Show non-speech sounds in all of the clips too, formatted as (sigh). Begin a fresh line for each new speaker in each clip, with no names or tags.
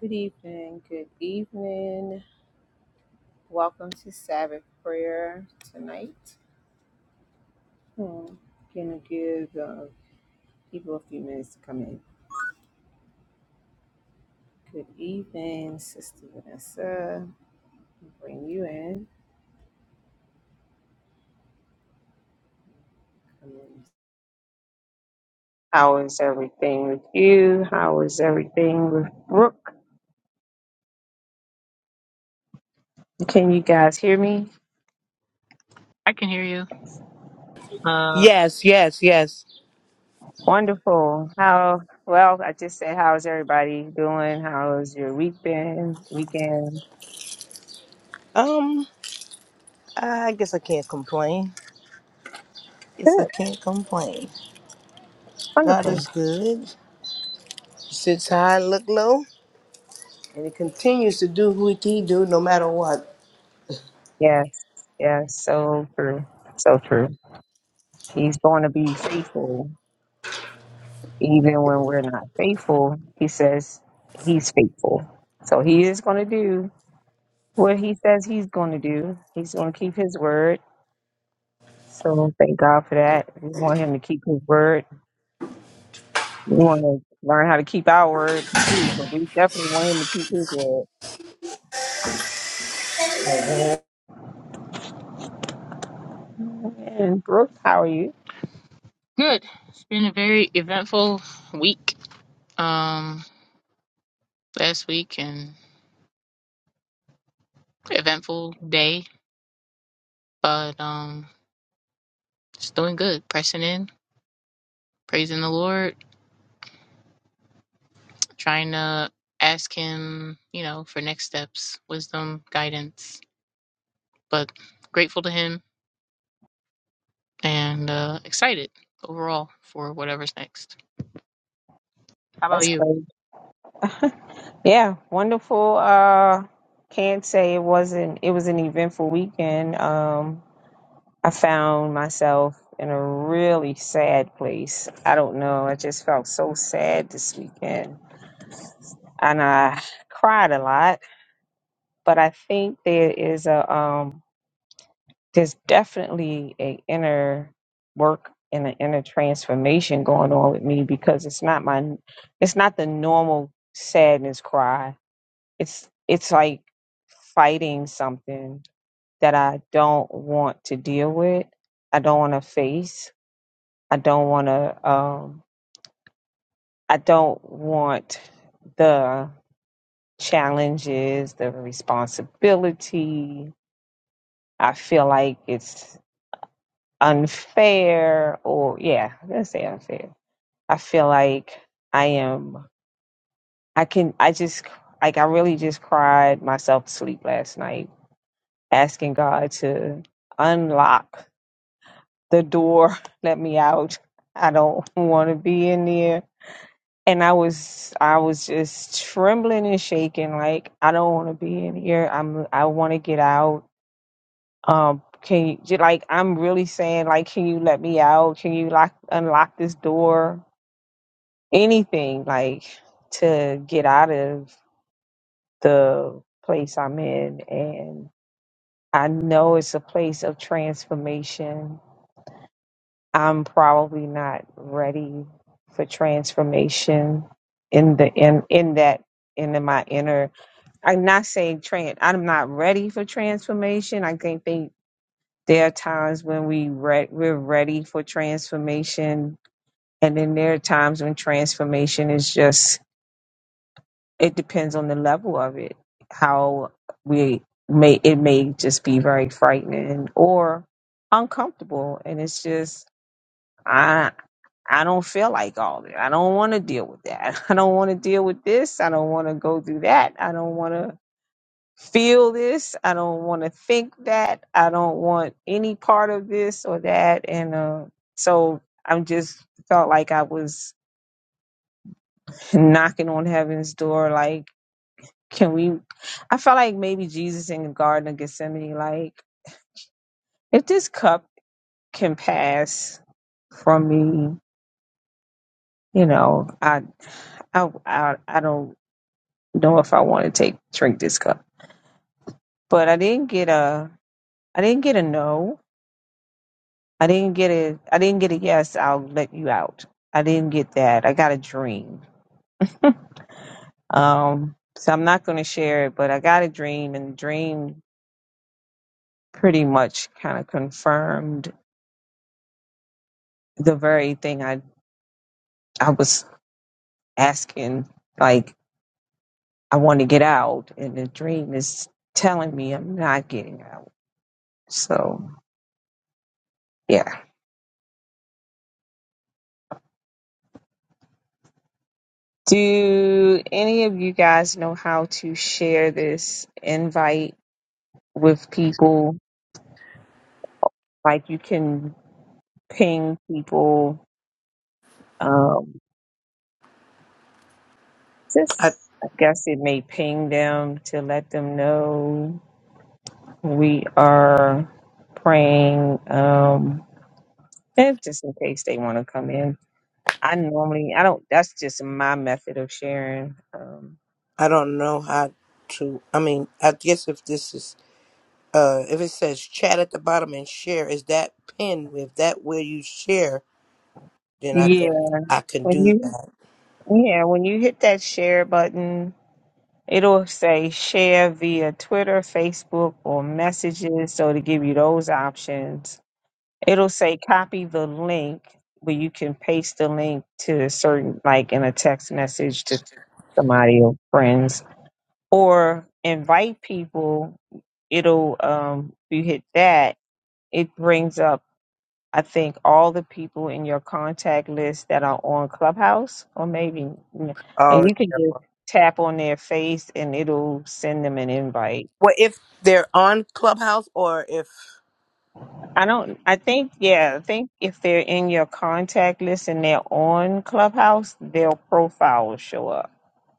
Good evening. Good evening. Welcome to Sabbath prayer tonight. Hmm. Gonna give uh, people a few minutes to come in. Good evening, Sister Vanessa. Bring you in. Come in. How is everything with you? How is everything with Brooke? Can you guys hear me?
I can hear you. Uh,
Yes, yes, yes.
Wonderful. How well? I just said, how's everybody doing? How's your week been? Weekend?
Um, I guess I can't complain. Guess I
Good.
can't complain. God
Wonderful.
is good. He sits high, look low, and he continues to do what he do no matter what.
Yes, yes, so true, so true. He's going to be faithful even when we're not faithful. He says he's faithful. So he is going to do what he says he's going to do. He's going to keep his word. So thank God for that. We want him to keep his word. We want to learn how to keep our word too, but we definitely want him to keep his word. And Brooke, how are you?
good. It's been a very eventful week. Um, last week and eventful day, but um, just doing good. Pressing in, praising the Lord, trying to ask Him, you know, for next steps, wisdom, guidance. But grateful to Him and uh, excited overall for whatever's next. How about
That's
you?
great. Yeah, wonderful. Uh, can't say it wasn't. It was an eventful weekend. Um, I found myself in a really sad place. I don't know. I just felt so sad this weekend, and I cried a lot. But I think there is a um, there's definitely a inner work and an inner transformation going on with me because it's not my it's not the normal sadness cry It's it's like fighting something that I don't want to deal with. I don't want to face. I don't want to. Um, I don't want the challenges, the responsibility. I feel like it's unfair, or yeah, let's say unfair. I feel like I am. I can. I just like I really just cried myself to sleep last night, asking God to unlock the door (laughs) let me out i don't want to be in there and i was i was just trembling and shaking like i don't want to be in here i'm i want to get out um can you j- like i'm really saying like can you let me out can you lock unlock this door anything like to get out of the place i'm in and i know it's a place of transformation I'm probably not ready for transformation in the in in that in the- my inner. I'm not saying trans. I'm not ready for transformation. I think they, there are times when we re- we're ready for transformation, and then there are times when transformation is just. It depends on the level of it. How we may it may just be very frightening or uncomfortable, and it's just. I don't feel like all that. I don't want to deal with that. (laughs) I don't want to deal with this. I don't want to go through that. I don't want to feel this. I don't want to think that. I don't want any part of this or that. And uh, so I'm just felt like I was (laughs) knocking on heaven's door. Like, can we? I felt like maybe Jesus in the Garden of Gethsemane, like, if this cup can pass from me, you know, I, I, I, I don't. know if I want to take drink this cup. But I didn't get a I didn't get a no. I didn't get a I didn't get a yes, I'll let you out. I didn't get that. I got a dream. (laughs) Um so I'm not gonna share it, but I got a dream and the dream pretty much kind of confirmed the very thing I I was asking, like I want to get out and the dream is telling me I'm not getting out. So yeah. Do any of you guys know how to share this invite with people? Like you can ping people. Um, just,
I
I guess it may ping them to let them know we are praying. Um, and just in case they want to come in. I normally, I don't, that's just my method of sharing. Um,
I don't know how to. I mean, I guess if this is uh, if it says chat at the bottom and share, is that pinned? If that where you share, then I
yeah.
think I can
When
do
you,
that.
yeah, when you hit that share button, It'll say share via Twitter, Facebook, or messages. So to give you those options, it'll say copy the link, but you can paste the link to a certain, like in a text message to somebody or friends, or invite people. It'll, um, if you hit that, it brings up I think all the people in your contact list that are on Clubhouse, or maybe, mm,
Oh,
and you can
yeah.
just tap on their face and it'll send them an invite.
well, if they're on Clubhouse or if
I don't, I think, yeah, I think if they're in your contact list and they're on Clubhouse, their profile will show up.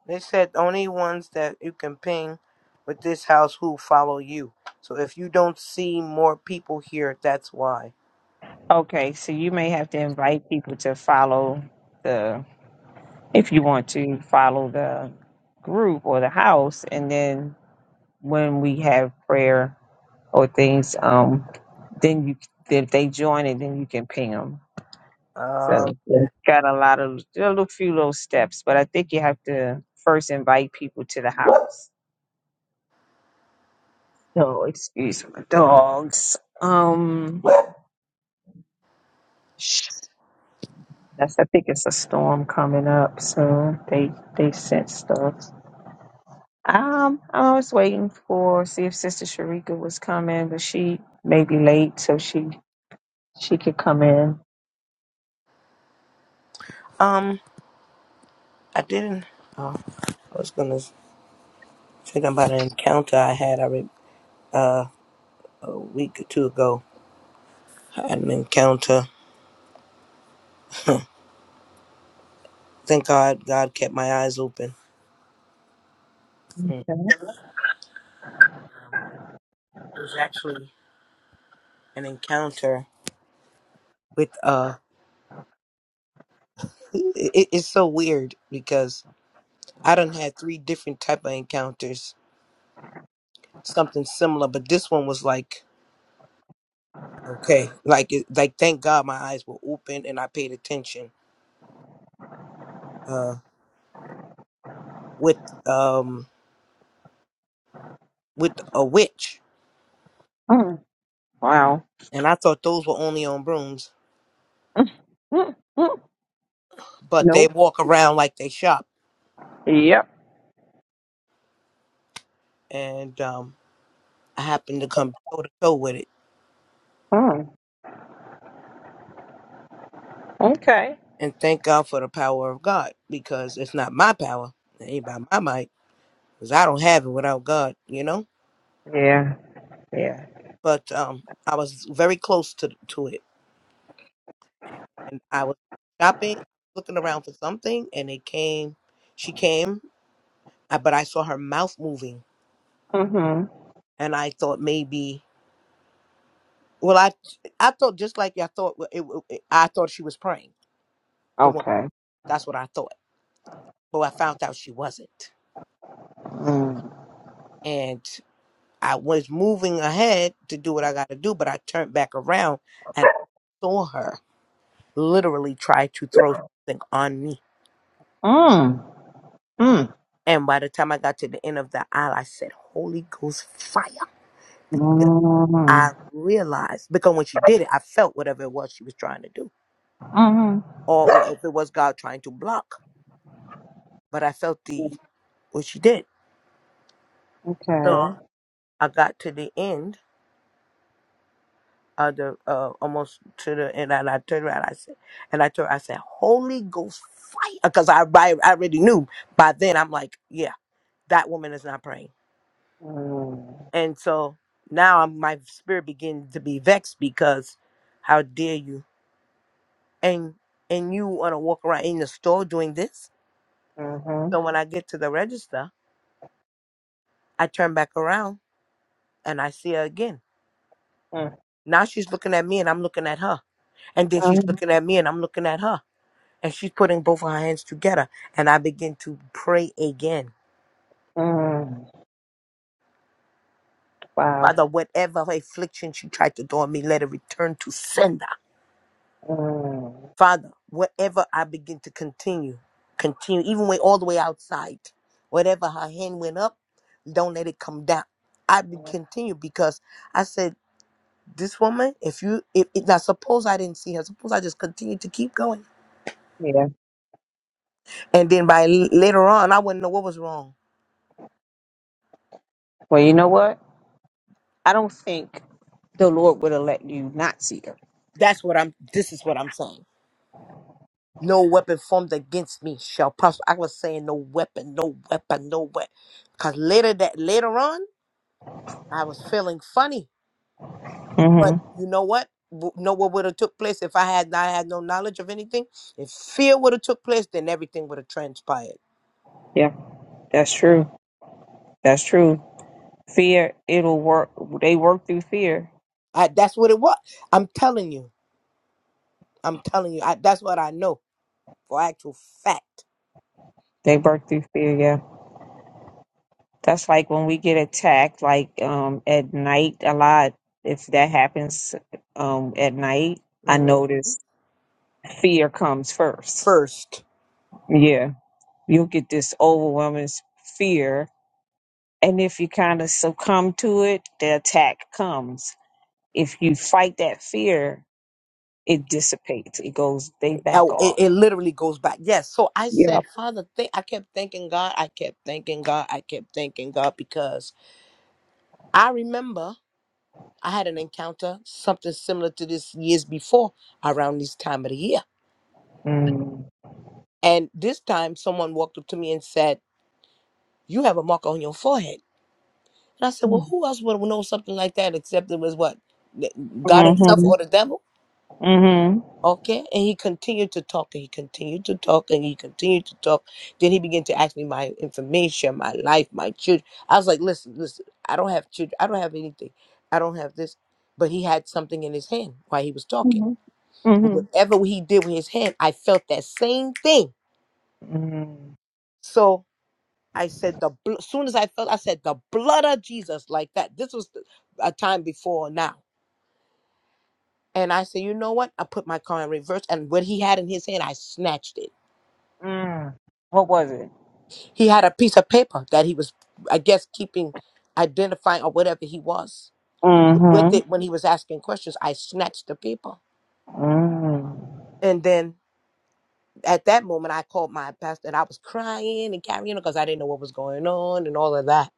They said only ones that you can ping with this house who follow you. So if you don't see more people here, that's why.
Okay, so you may have to invite people to follow the, if you want to follow the group or the house, and then when we have prayer or things, um, then you if they join it, then you can ping them.
Um,
So it's got a lot of there are a little few little steps, but I think you have to first invite people to the house. So excuse my dogs. Um, sh- that's I think it's a storm coming up, so they they sent stuff. Um, I was waiting for see if Sister Sharika was coming, but she may be late, so she she could come in.
um, I didn't. Oh, I was gonna say about an encounter I had I re- uh, a week or two ago. I had an encounter. Thank God, God kept my eyes open. Mm.
Okay.
It was actually an encounter with. Uh, it, it- it's so weird because I done had three different type of encounters something similar, but this one was like okay, like it, like thank God my eyes were open and I paid attention. Uh, with um with a witch,
Mm, wow.
and I thought those were only on brooms,
Mm, mm, mm.
but they
Nope.
walk around like they shop,
Yep.
and um I happened to come toe to toe with it,
Mm, okay.
and thank God for the power of God because it's not my power, it ain't by my might, because I don't have it without God, you know.
Yeah. Yeah.
But um I was very close to to it and I was shopping, looking around for something, and it came. She came, uh, but I saw her mouth moving,
Mm-hmm.
and I thought maybe. Well, I I thought just like I thought. well, It, it, I thought she was praying. The one
Okay.
that's what I thought, but I found out she wasn't,
Mm.
and I was moving ahead to do what I got to do, but I turned back around and saw her literally try to throw something on me.
Mm. Mm.
And by the time I got to the end of the aisle, I said, "Holy Ghost fire!"
Mm.
I realized because when she did it, I felt whatever it was she was trying to do,
Mm.
or wha- if it was God trying to block. But I felt the what she did. So
Okay.
I got to the end of the uh, almost to the end, and I turned around. I said, and I told her, I said, Holy Ghost fire, because I, I I already knew by then. I'm like, yeah, that woman is not praying,
Mm.
and so now I'm, my spirit began to be vexed because how dare you and and you want to walk around in the store doing this
Mm-hmm.
So when I get to the register, I turn back around and I see her again.
Mm.
Now she's looking at me and I'm looking at her. And then she's
Mm.
looking at me and I'm looking at her. And she's putting both of her hands together. And I begin to pray again.
Mm. Wow.
Father, whatever affliction she tried to do on me, let it return to sender.
Mm.
Father, whatever I begin to continue, continue, even way all the way outside. Whatever her hand went up, don't let it come down. I be- continue because I said. this woman, if you, if, if now suppose I didn't see her, suppose I just continued to keep going,
Yeah.
and then by l- later on, I wouldn't know what was wrong.
Well, you know what? I don't think the Lord would have let you not see her.
That's what I'm. This is what I'm saying. No weapon formed against me shall prosper. I was saying no weapon, no weapon, no weapon, because later that later on, I was feeling funny. But
hmm
you know what? W- Know what would have took place if I had not had no knowledge of anything? If fear would have took place, then everything would have transpired.
Yeah, that's true. That's true. Fear, it'll work. They work through fear.
I, that's what it was. I'm telling you. I'm telling you. I, that's what I know for actual fact.
They work through fear. Yeah. That's like when we get attacked, like um, at night a lot. If that happens um, at night, I
Mm,
notice fear comes first.
First,
Yeah, you'll get this overwhelming s- fear, and if you kind of succumb to it, the attack comes. If you fight that fear, it dissipates. It goes. They
now
back
it,
off.
it literally goes back. Yes. So I said,
Yep.
Father, th- I kept thanking God. I kept thanking God. I kept thanking God because I remember I had an encounter, something similar to this years before around this time of the year.
Mm.
And this time, someone walked up to me and said, You have a mark on your forehead. And I said, well,
Mm-hmm.
who else would know something like that except it was what? God himself
hmm
or the devil? Okay. And he continued to talk and he continued to talk and he continued to talk. Then he began to ask me my information, my life, my children. I was like, listen, listen, I don't have children. I don't have anything. I don't have this. But he had something in his hand while he was talking.
hmm
And
hmm Mm.
whatever he did with his hand, I felt that same thing. So I said, the bl- soon as I felt, I said, the blood of Jesus, like that. This was the, a time before now. And I said, you know what? I put my car in reverse. And what he had in his hand, I snatched it.
Mm. What was it?
He had a piece of paper that he was, I guess, keeping, identifying or whatever he was with
Mm-hmm.
it when he was asking questions. I snatched the paper.
Mm-hmm.
And then at that moment, I called my pastor and I was crying and carrying, you know, because I didn't know what was going on and all of that.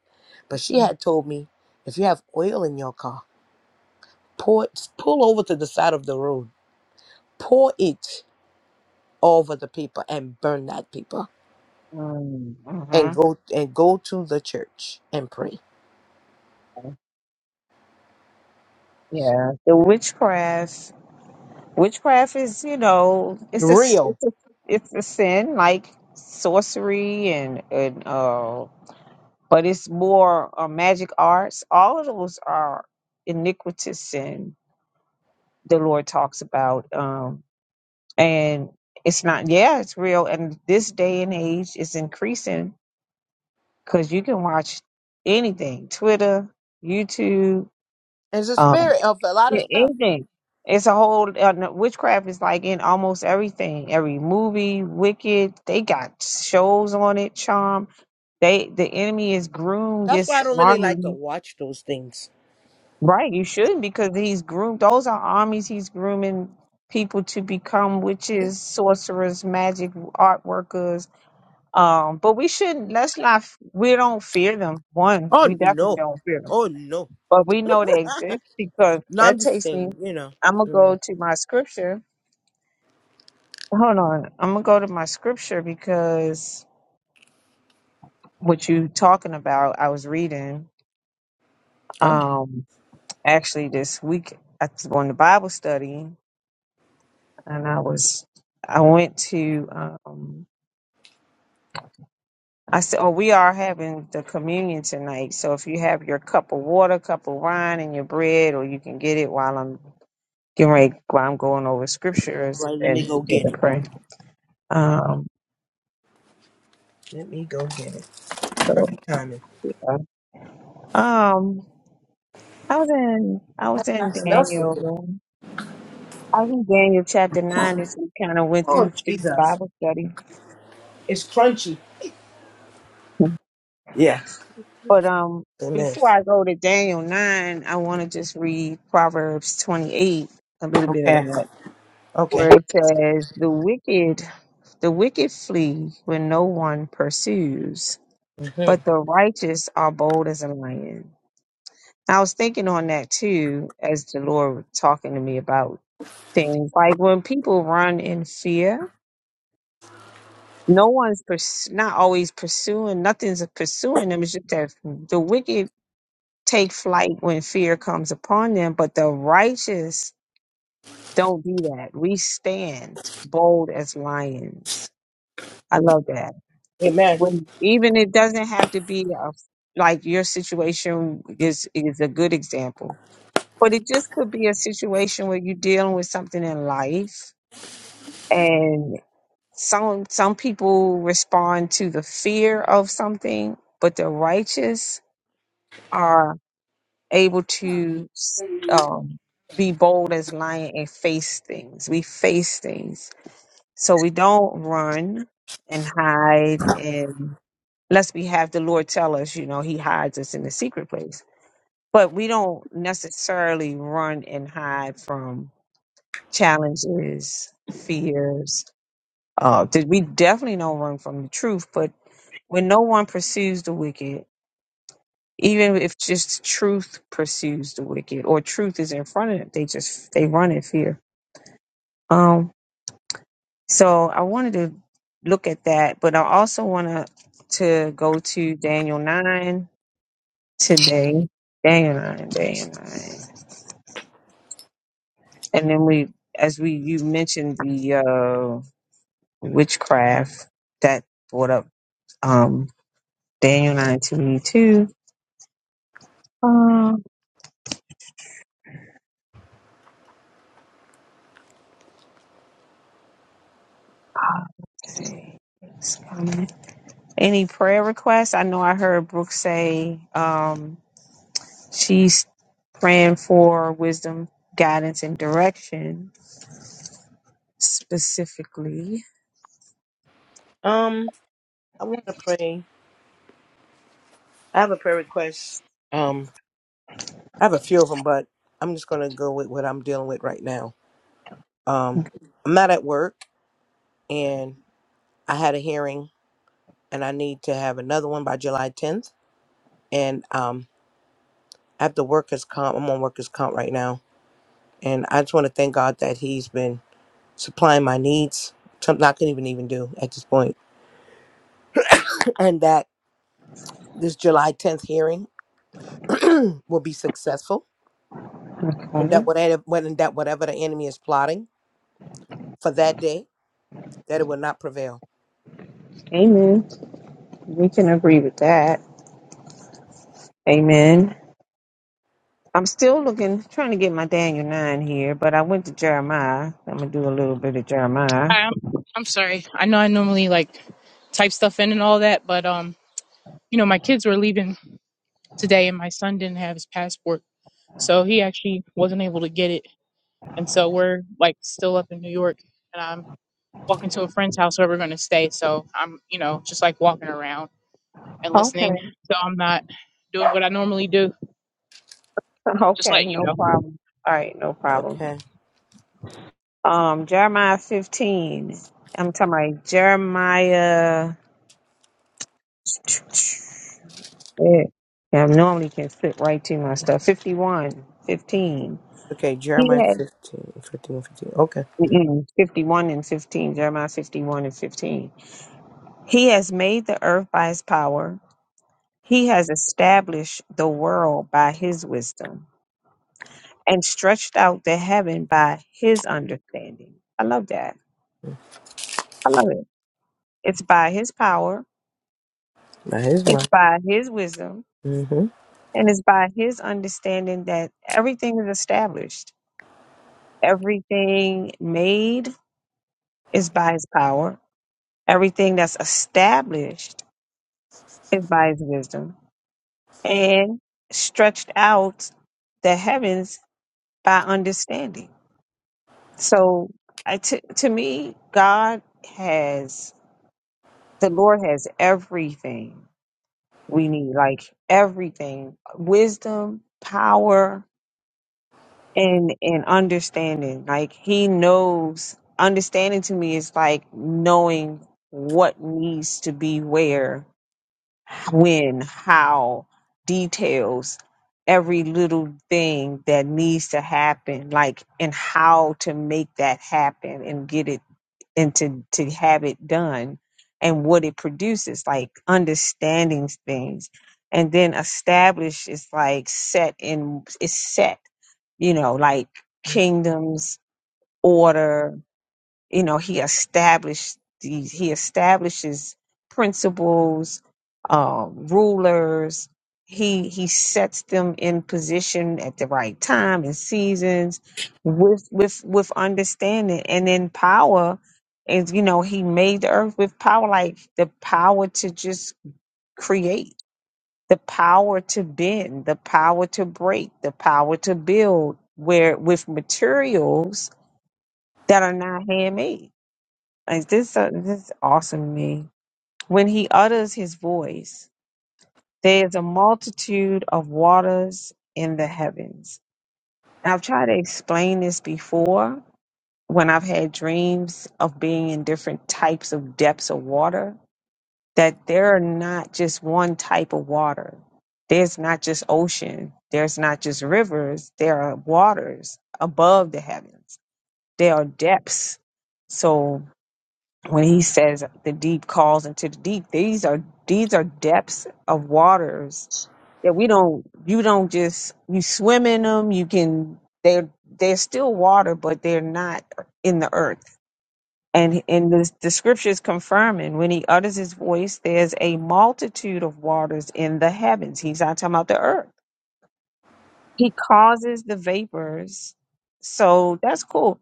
But she had told me, if you have oil in your car, pour it, pull over to the side of the road, pour it over the paper and burn that paper
Mm-hmm.
and go and go to the church and pray.
Yeah. The witchcraft. Witchcraft is, you know, it's a s-
Real.
it's a, it's a sin like sorcery and and uh, but it's more uh, magic arts. All of those are iniquitous sin. The Lord talks about, um, and it's not. Yeah, it's real. And this day and age is increasing because you can watch anything Twitter, YouTube,
It's a
um,
spirit of a lot of
a-
stuff.
anything. It's a whole uh, no- witchcraft is like in almost everything. Every movie, Wicked, they got shows on it. Charm, they the enemy is groomed
That's why I
this
don't really like to
army.
watch those things.
Right, you shouldn't because he's groomed. Those are armies he's grooming people to become witches, sorcerers, magic art workers. Um, but we shouldn't. Let's not. f- We don't fear them. One,
Oh
we definitely
no.
don't fear them
Oh no.
But we know they exist because
No, I'm
that
just
takes me.
saying, you know.
I'm gonna
Mm.
go to my scripture. Hold on. I'm gonna go to my scripture because what you talking about, I was reading
Oh.
um actually this week I was going to Bible study and I was I went to um I said, Oh, we are having the communion tonight. So if you have your cup of water, cup of wine and your bread, or you can get it while I'm getting ready while I'm going over scriptures
Right, let me
and
go
get
get
to
it.
pray. Um.
Let me go get it.
So
Perfect timing.
yeah. Um, I was in I
I
was
I
in
smell something.
Daniel. I was in Daniel chapter nine as we kind of went
Oh
through through the
Jesus.
Bible study.
It's crunchy. Yeah.
But um,
Amen.
before I go to Daniel nine, I want to just read Proverbs twenty eight a little bit of
Okay.
that,
Okay.
where it says, "The wicked, the wicked flee when no one pursues,
hmm
but the righteous are bold as a lion." I was thinking on that too, as the Lord was talking to me about things. Like when people run in fear, no one's pers- not always pursuing, nothing's pursuing them. It's just that the wicked take flight when fear comes upon them, but the righteous don't do that. We stand bold as lions. I love that.
Amen.
When even it doesn't have to be a, like your situation is is a good example, but it just could be a situation where you're dealing with something in life Some some people respond to the fear of something, but the righteous are able to um, be bold as lion and face things. We face things, so we don't run and hide, and unless we have the Lord tell us, you know, He hides us in the secret place. But we don't necessarily run and hide from challenges, fears, uh, did we definitely don't run from the truth, but when no one pursues the wicked, even if just truth pursues the wicked or truth is in front of them, they just they run in fear. Um, so I wanted to look at that, but I also want to to go to Daniel nine today. Daniel nine, Daniel nine, and then we as we you mentioned the uh, witchcraft that brought up um, Daniel nine to me too. Um, ah, let's see. Any prayer requests? I know I heard Brooke say um, she's praying for wisdom, guidance, and direction specifically.
Um, I want to pray. I have a prayer request. Um, I have a few of them, but I'm just going to go with what I'm dealing with right now. Um, I'm not at work, and I had a hearing, and I need to have another one by July 10th. And um, I have the workers' comp. I'm on workers' comp right now, and I just want to thank God that He's been supplying my needs, something I couldn't even even do at this point, (clears throat) and that this July 10th hearing (clears throat) will be successful, and
Okay.
that whatever, and that whatever the enemy is plotting for that day, that it will not prevail.
Amen. We can agree with that. Amen. I'm still looking, trying to get my Daniel 9 here, but I went to Jeremiah. I'm going to do a little bit of Jeremiah.
Hi, I'm, I'm sorry. I know I normally like type stuff in and all that, but um, you know, my kids were leaving today, and my son didn't have his passport, so he actually wasn't able to get it. And so we're like still up in New York, and I'm walking to a friend's house where we're going to stay. So I'm, you know, just like walking around and listening.
Okay.
So I'm not doing what I normally do.
(laughs)
Just
Okay.
let you
No
know.
problem. All right. No problem.
Okay.
Um, Jeremiah 15. I'm talking about Jeremiah. Yeah, Yeah, I normally can fit right to my stuff. 51, 15.
Okay,
He
Jeremiah
has
15, 15, 15. Okay,
mm-mm, 51 and 15, Jeremiah 51 and 15. He has made the earth by his power. He has established the world by his wisdom and stretched out the heaven by his understanding. I love that. I love it. It's by his power,
that is mine.
it's by his wisdom,
Mm-hmm.
and it's by his understanding that everything is established, everything made is by his power. Everything that's established is by his wisdom. And stretched out the heavens by understanding. So I, to, to me, God has, the Lord has everything we need, like everything, wisdom, power, and, and understanding. Like he knows, understanding to me is like knowing what needs to be where when, how, details, every little thing that needs to happen, like and how to make that happen and get it and to, to have it done and what it produces, like understanding things. And then establish is like set in is set, you know, like kingdoms, order, you know he established these he establishes principles um rulers he he sets them in position at the right time and seasons with with with understanding and then power is you know he made the earth with power like the power to just create the power to bend the power to break the power to build where with materials that are not handmade like this, uh, this is awesome to me. When he utters his voice, there is a multitude of waters in the heavens. And I've tried to explain this before when I've had dreams of being in different types of depths of water, that there are not just one type of water. There's not just ocean. There's not just rivers. There are waters above the heavens. There are depths. So when he says the deep calls into the deep these are these are depths of waters that we don't you don't just you swim in them you can they're they're still water but they're not in the earth and and the, the scriptures confirming when he utters his voice there's a multitude of waters in the heavens he's not talking about the earth he causes the vapors so that's cool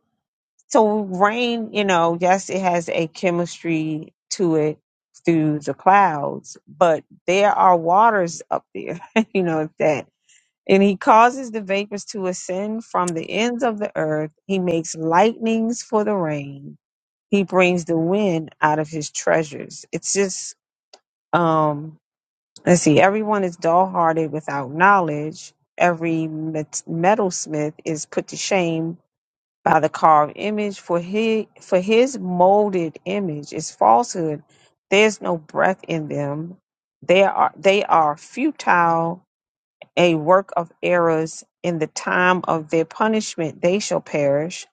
so rain, you know, yes, it has a chemistry to it through the clouds, but there are waters up there, (laughs) you know, that and he causes the vapors to ascend from the ends of the earth. He makes lightnings for the rain. He brings the wind out of his treasures. It's just um let's see, everyone is dull hearted without knowledge. Every met- metalsmith is put to shame by the carved image, for he for his molded image is falsehood. There's no breath in them. They are they are futile, a work of errors. In the time of their punishment, they shall perish.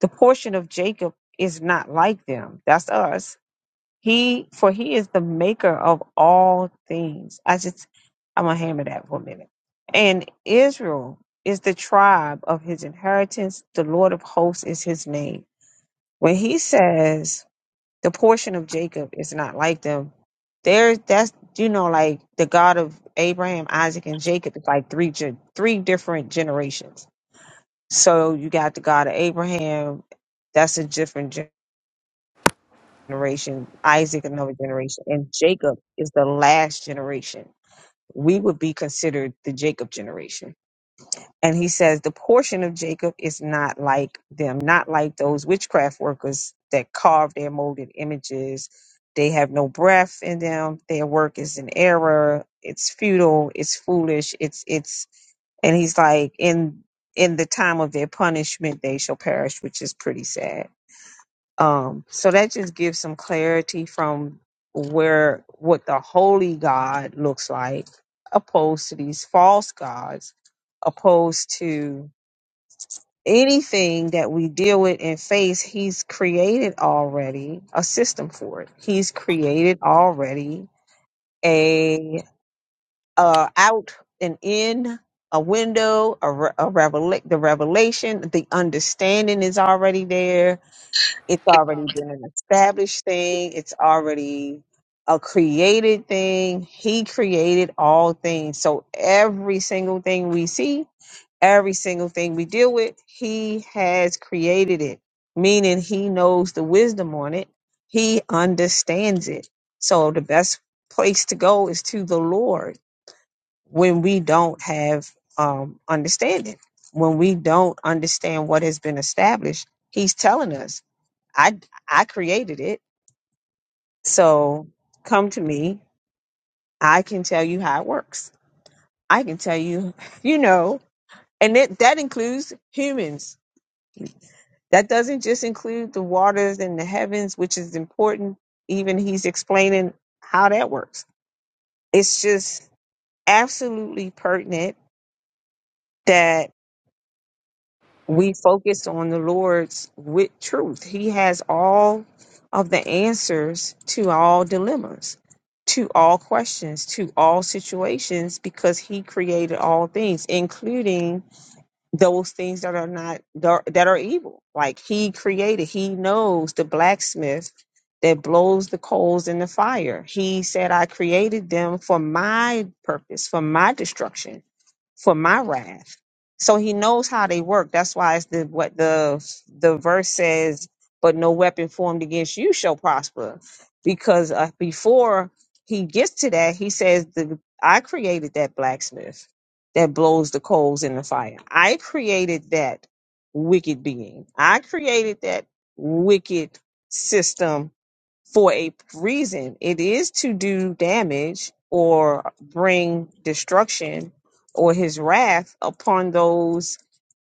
The portion of Jacob is not like them. That's us he for he is the maker of all things. I just I'm gonna hammer that for a minute. And Israel is the tribe of his inheritance. The Lord of hosts is his name. When he says the portion of Jacob is not like them, there that's you know like the God of Abraham, Isaac, and Jacob is like three gen- three different generations. So you got the God of Abraham, that's a different generation generation, Isaac another generation, and Jacob is the last generation. We would be considered the Jacob generation. And he says the portion of Jacob is not like them, not like those witchcraft workers that carve their molded images. They have no breath in them. Their work is an error. It's futile. It's foolish. It's it's and he's like in in the time of their punishment they shall perish, which is pretty sad um, so that just gives some clarity from where what the holy God looks like, opposed to these false gods, opposed to anything that we deal with and face. He's created already a system for it. He's created already a uh, out and in a window, a, re- a revelation, the revelation, the understanding is already there it's already been an established thing it's already a created thing he created all things so every single thing we see every single thing we deal with he has created it meaning he knows the wisdom on it he understands it so the best place to go is to the lord when we don't have um understanding when we don't understand what has been established he's telling us I I created it. So come to me. I can tell you how it works. I can tell you, (laughs) you know, and it, that includes humans. That doesn't just include the waters and the heavens, which is important. Even he's explaining how that works. It's just absolutely pertinent that we focus on the Lord's with truth. He has all of the answers to all dilemmas, to all questions, to all situations, because He created all things, including those things that are not that are evil. Like He created, He knows the blacksmith that blows the coals in the fire. He said, "I created them for my purpose, for my destruction." for my wrath. So he knows how they work. That's why it's the what the the verse says, but no weapon formed against you shall prosper. Because uh, before he gets to that, he says, the, I created that blacksmith that blows the coals in the fire. I created that wicked being. I created that wicked system for a reason. It is to do damage or bring destruction or his wrath upon those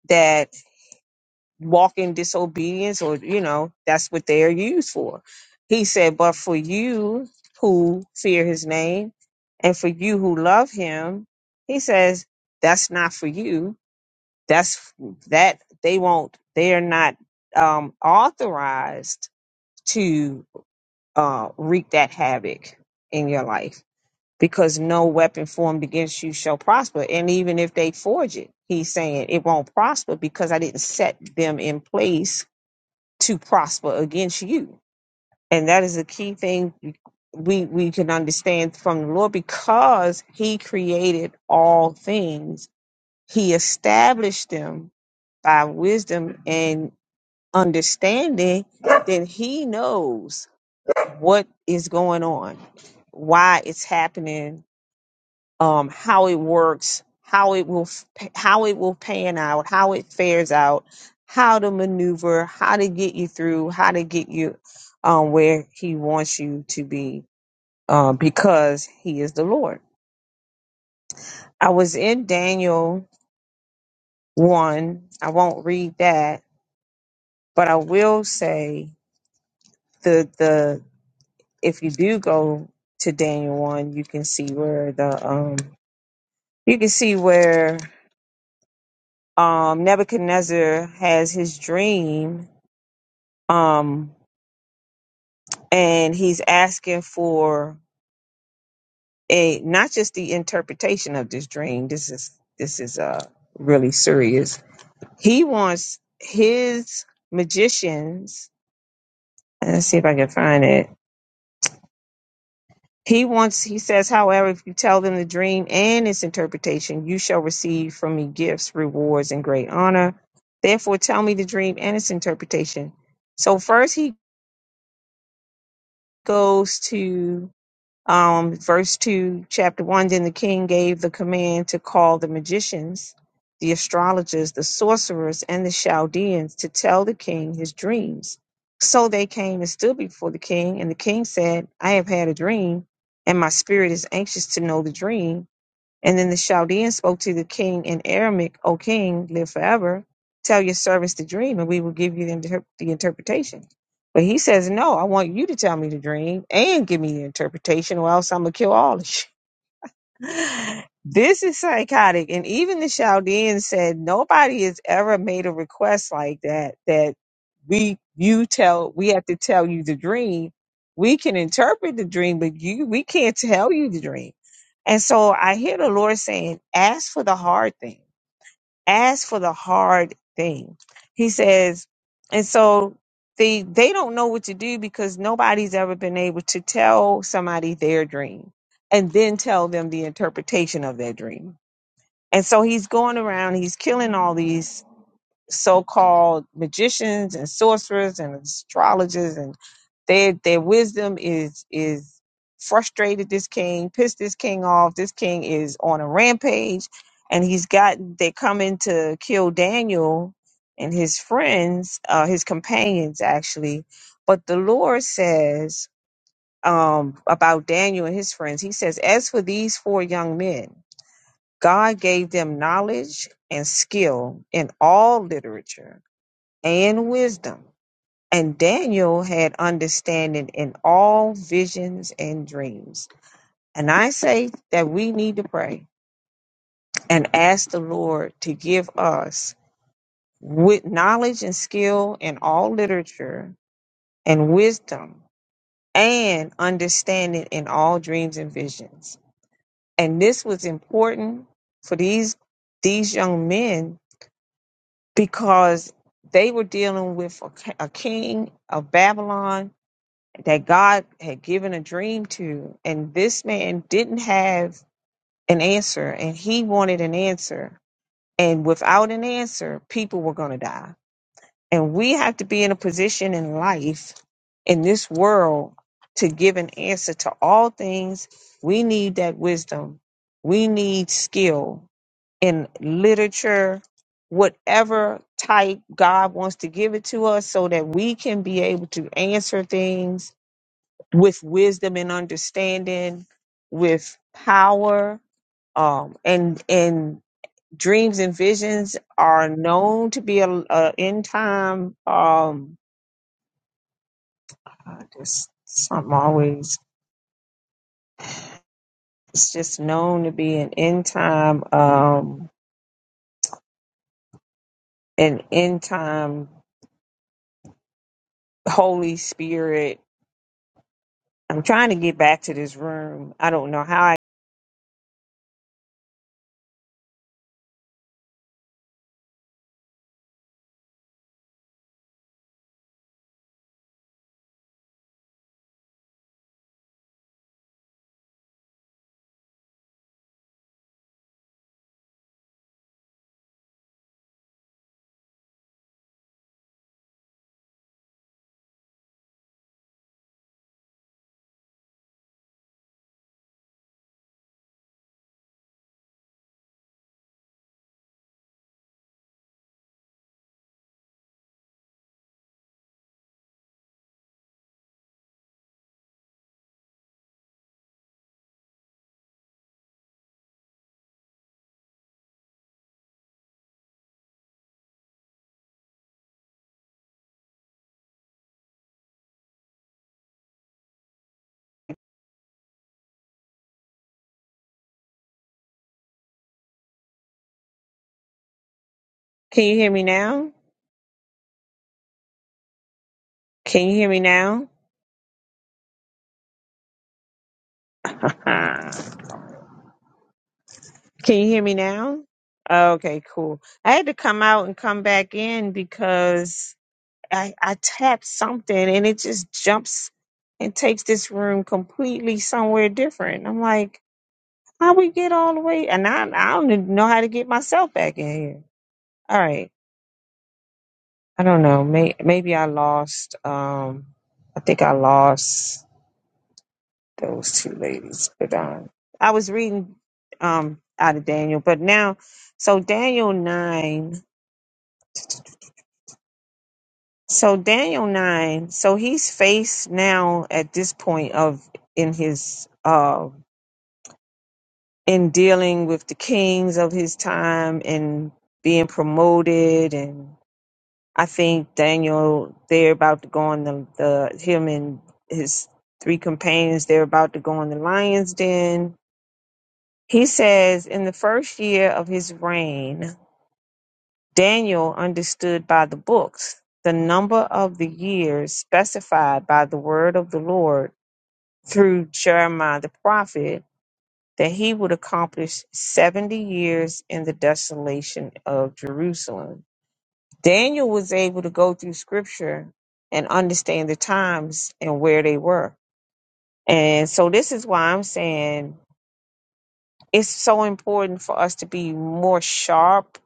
that walk in disobedience, or, you know, that's what they are used for. He said, But for you who fear his name and for you who love him, he says, That's not for you. That's that they won't, they are not um, authorized uh, wreak that havoc in your life because no weapon formed against you shall prosper. And even if they forge it, he's saying it won't prosper because I didn't set them in place to prosper against you. And that is a key thing we, we can understand from the Lord because he created all things, he established them by wisdom and understanding, then he knows what is going on, why it's happening, um, how it works, how it will how it will pan out, how it fares out, how to maneuver, how to get you through, how to get you um, where He wants you to be, uh, because He is the Lord. I was in Daniel one. I won't read that, but I will say the the if you do go to Daniel one, you can see where the um you can see where um, Nebuchadnezzar has his dream, um, and he's asking for a not just the interpretation of this dream. This is this is uh, really serious. He wants his magicians. Let's see if I can find it. He wants, he says, however, if you tell them the dream and its interpretation, you shall receive from me gifts, rewards, and great honor. Therefore, tell me the dream and its interpretation. So, first he goes to um, verse 2, chapter 1 Then the king gave the command to call the magicians, the astrologers, the sorcerers, and the Chaldeans to tell the king his dreams. So they came and stood before the king, and the king said, I have had a dream, and my spirit is anxious to know the dream and then the Chaldean spoke to the king in Aramaic, O king, live forever. Tell your servants the dream, and we will give you the, inter- the interpretation. But he says, No, I want you to tell me the dream and give me the interpretation, or else I'm going to kill all of you. This is psychotic. And even the Chaldean said nobody has ever made a request like that, that we you tell we have to tell you the dream. We can interpret the dream, but you we can't tell you the dream. And so I hear the Lord saying, ask for the hard thing ask for the hard thing. He says, and so they they don't know what to do because nobody's ever been able to tell somebody their dream and then tell them the interpretation of their dream. And so he's going around, he's killing all these so-called magicians and sorcerers and astrologers and their their wisdom is is frustrated this king pissed this king off this king is on a rampage and he's got they're coming to kill daniel and his friends uh his companions actually but the lord says um about daniel and his friends he says as for these four young men god gave them knowledge and skill in all literature and wisdom. And Daniel had understanding in all visions and dreams. And I say that we need to pray and ask the Lord to give us with knowledge and skill in all literature and wisdom and understanding in all dreams and visions. And this was important for these these young men because they were dealing with a, a king of Babylon that God had given a dream to. And this man didn't have an answer and he wanted an answer. And without an answer, people were going to die. And we have to be in a position in life, in this world, to give an answer to all things. We need that wisdom. We need skill in literature, whatever type God wants to give it to us so that we can be able to answer things with wisdom and understanding, with power, um, and and dreams and visions are known to be a, a end time. Um, uh, just something always. It's just known to be an end time, um, an end time Holy Spirit. I'm trying to get back to this room. I don't know how. I, can you hear me now? Can you hear me now? (laughs) Can you hear me now? Okay, cool. I had to come out and come back in because I, I tapped something and it just jumps and takes this room completely somewhere different. I'm like, how we get all the way? And I, I don't even know how to get myself back in here. All right. I don't know. May, maybe I lost. Um, I think I lost those two ladies. But um, I was reading um, out of Daniel, but now, so Daniel 9. So Daniel nine, so he's faced now at this point of in his uh in dealing with the kings of his time and being promoted and I think Daniel they're about to go on the, the him and his three companions, they're about to go on the lion's den. He says in the first year of his reign, Daniel understood by the books the number of the years specified by the word of the Lord through Jeremiah the prophet that he would accomplish 70 years in the desolation of Jerusalem. Daniel was able to go through scripture and understand the times and where they were. And so this is why I'm saying it's so important for us to be more sharp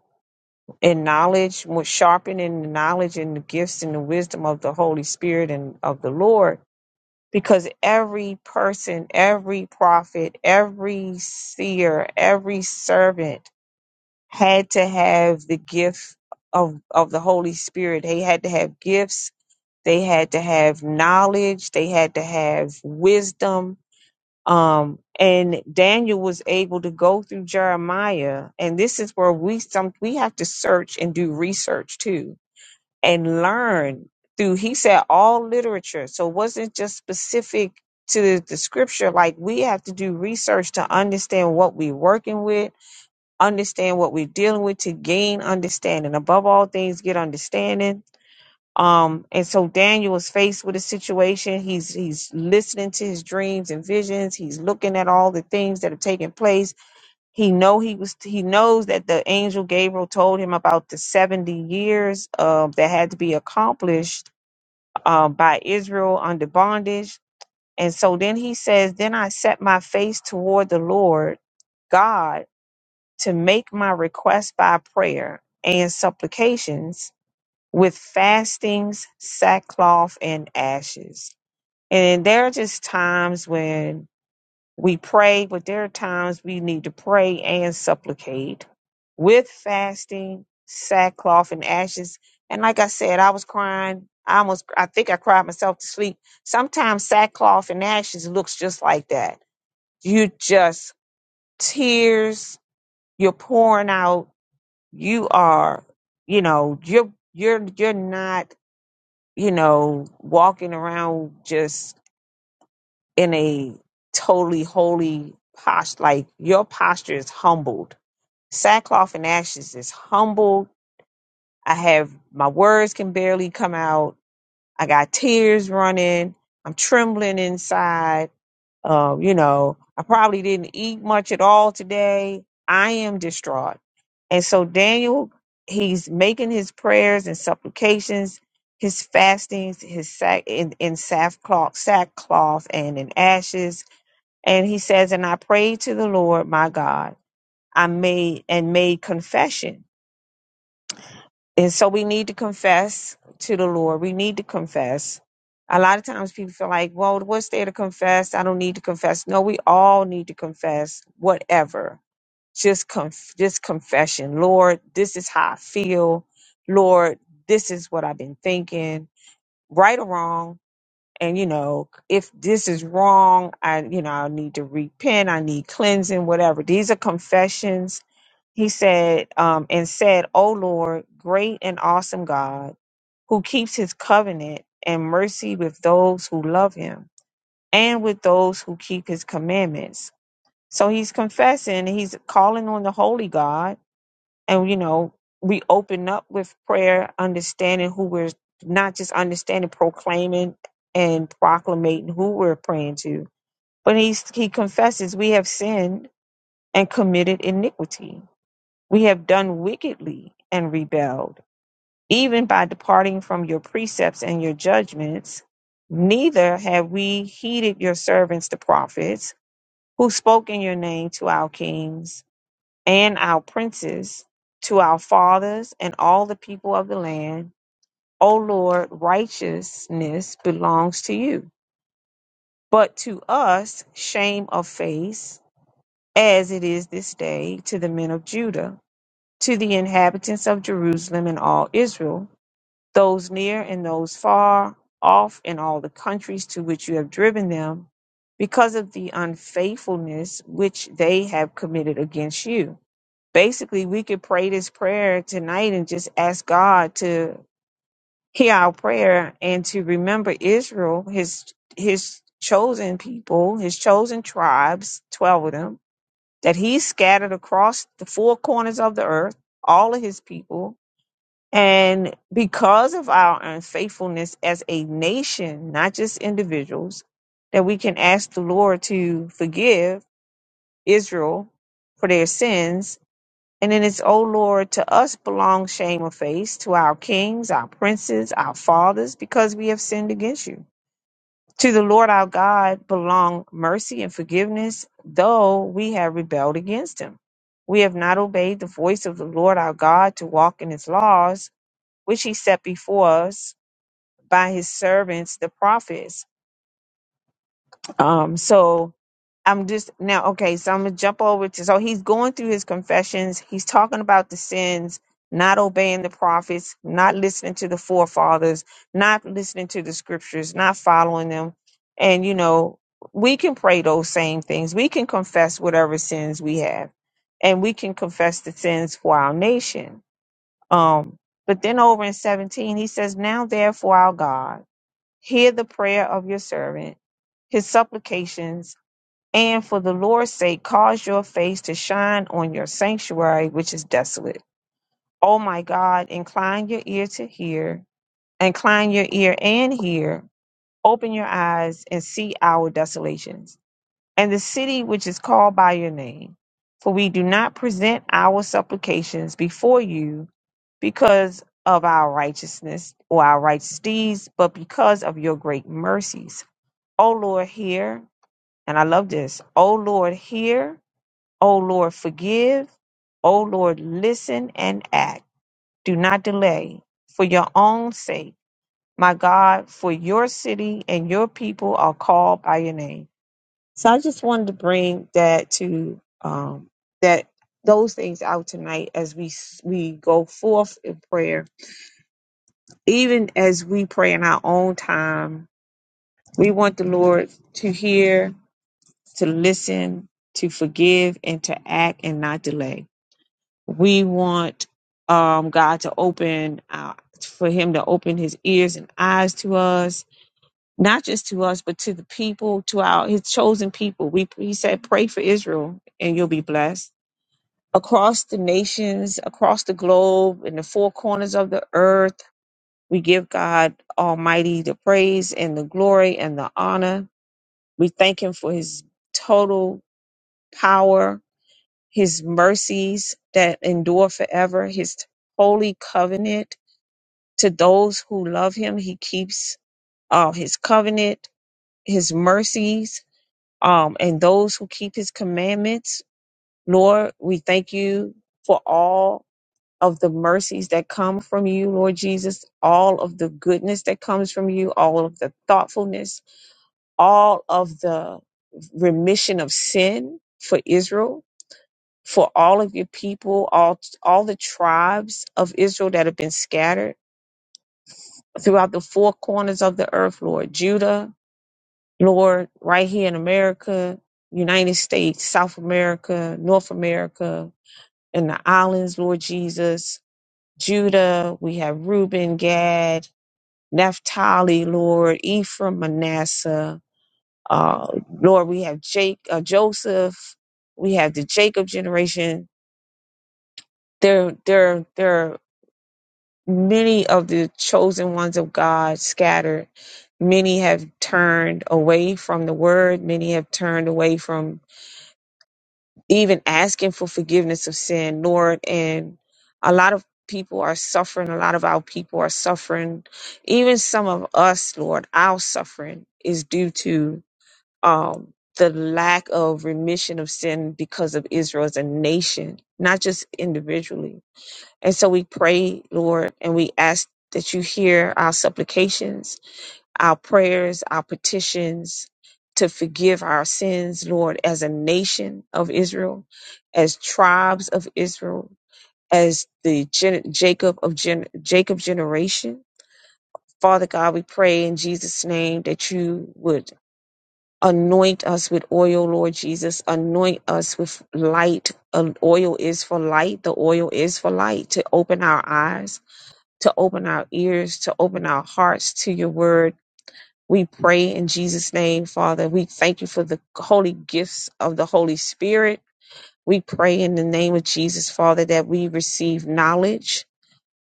in knowledge, more sharpened in the knowledge and the gifts and the wisdom of the Holy Spirit and of the Lord because every person, every prophet, every seer, every servant had to have the gift of, of the Holy Spirit. They had to have gifts, they had to have knowledge, they had to have wisdom. Um, and Daniel was able to go through Jeremiah, and this is where we some we have to search and do research too and learn through he said all literature so it wasn't just specific to the scripture like we have to do research to understand what we're working with understand what we're dealing with to gain understanding above all things get understanding um and so daniel is faced with a situation he's he's listening to his dreams and visions he's looking at all the things that are taking place he know he was he knows that the angel Gabriel told him about the 70 years uh, that had to be accomplished uh, by Israel under bondage. And so then he says, Then I set my face toward the Lord God to make my request by prayer and supplications with fastings, sackcloth, and ashes. And there are just times when we pray, but there are times we need to pray and supplicate with fasting, sackcloth, and ashes. And like I said, I was crying. I almost, I think I cried myself to sleep. Sometimes sackcloth and ashes looks just like that. You just tears, you're pouring out. You are, you know, you're, you're, you're not, you know, walking around just in a totally holy posture. Like your posture is humbled. Sackcloth and ashes is humbled. I have my words can barely come out. I got tears running. I'm trembling inside. Um, you know, I probably didn't eat much at all today. I am distraught. And so Daniel, he's making his prayers and supplications, his fastings, his sack in, in sackcloth, sackcloth and in ashes and he says, And I prayed to the Lord my God. I made and made confession. And so we need to confess to the Lord. We need to confess. A lot of times people feel like, well, what's there to confess? I don't need to confess. No, we all need to confess whatever. Just conf- just confession. Lord, this is how I feel. Lord, this is what I've been thinking. Right or wrong, and you know if this is wrong i you know i need to repent i need cleansing whatever these are confessions he said um and said o lord great and awesome god who keeps his covenant and mercy with those who love him and with those who keep his commandments so he's confessing he's calling on the holy god and you know we open up with prayer understanding who we're not just understanding proclaiming and proclamating who we're praying to but he's, he confesses we have sinned and committed iniquity we have done wickedly and rebelled even by departing from your precepts and your judgments neither have we heeded your servants the prophets who spoke in your name to our kings and our princes to our fathers and all the people of the land. O Lord, righteousness belongs to you, but to us shame of face, as it is this day to the men of Judah, to the inhabitants of Jerusalem and all Israel, those near and those far off in all the countries to which you have driven them, because of the unfaithfulness which they have committed against you basically we could pray this prayer tonight and just ask God to hear our prayer and to remember Israel, his his chosen people, his chosen tribes, twelve of them, that he scattered across the four corners of the earth, all of his people. And because of our unfaithfulness as a nation, not just individuals, that we can ask the Lord to forgive Israel for their sins and it is, O Lord, to us belongs shame of face, to our kings, our princes, our fathers, because we have sinned against you. To the Lord our God belong mercy and forgiveness, though we have rebelled against him. We have not obeyed the voice of the Lord our God to walk in his laws, which he set before us by his servants, the prophets. Um, so I'm just now okay, so I'm gonna jump over to so he's going through his confessions, he's talking about the sins, not obeying the prophets, not listening to the forefathers, not listening to the scriptures, not following them. And you know, we can pray those same things. We can confess whatever sins we have, and we can confess the sins for our nation. Um, but then over in 17, he says, Now therefore, our God, hear the prayer of your servant, his supplications and for the Lord's sake, cause your face to shine on your sanctuary, which is desolate. O my God, incline your ear to hear, incline your ear and hear, open your eyes and see our desolations, and the city which is called by your name. For we do not present our supplications before you because of our righteousness or our righteous deeds, but because of your great mercies. O Lord, hear, and I love this. O Lord, hear O Lord, forgive. O Lord, listen and act. Do not delay for your own sake. My God, for your city and your people are called by your name. So I just wanted to bring that to um, that those things out tonight as we we go forth in prayer. Even as we pray in our own time, we want the Lord to hear, to listen, to forgive, and to act and not delay. we want um, God to open our, for Him to open His ears and eyes to us, not just to us, but to the people, to our His chosen people. We He said, "Pray for Israel, and you'll be blessed." Across the nations, across the globe, in the four corners of the earth, we give God Almighty the praise and the glory and the honor. We thank Him for His total power his mercies that endure forever, his holy covenant to those who love him. He keeps uh, his covenant, his mercies, um, and those who keep his commandments. Lord, we thank you for all of the mercies that come from you, Lord Jesus, all of the goodness that comes from you, all of the thoughtfulness, all of the remission of sin for Israel for all of your people, all all the tribes of Israel that have been scattered throughout the four corners of the earth, Lord. Judah, Lord, right here in America, United States, South America, North America, and the islands, Lord Jesus. Judah, we have Reuben, Gad, Naphtali, Lord, Ephraim, Manasseh. Uh, Lord, we have Jake, uh, Joseph. We have the Jacob generation. They're they're they're many of the chosen ones of God scattered. Many have turned away from the word. Many have turned away from even asking for forgiveness of sin, Lord. And a lot of people are suffering. A lot of our people are suffering. Even some of us, Lord, our suffering is due to um, the lack of remission of sin because of Israel as a nation, not just individually and so we pray, Lord, and we ask that you hear our supplications, our prayers, our petitions to forgive our sins, Lord, as a nation of Israel, as tribes of Israel, as the gen- Jacob of gen- Jacob generation. Father God, we pray in Jesus' name that you would anoint us with oil, Lord Jesus. Anoint us with light. Uh, Oil is for light. The oil is for light to open our eyes to open our ears, to open our hearts to your word. We pray in Jesus' name, Father. We thank you for the holy gifts of the Holy Spirit. We pray in the name of Jesus, Father, that we receive knowledge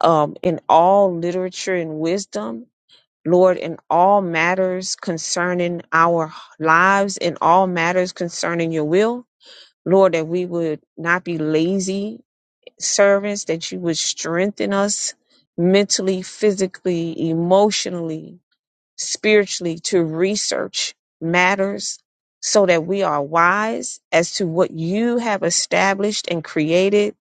um, in all literature and wisdom. Lord, in all matters concerning our lives, in all matters concerning your will. Lord, that we would not be lazy servants, that you would strengthen us mentally, physically, emotionally, spiritually to research matters so that we are wise as to what you have established and created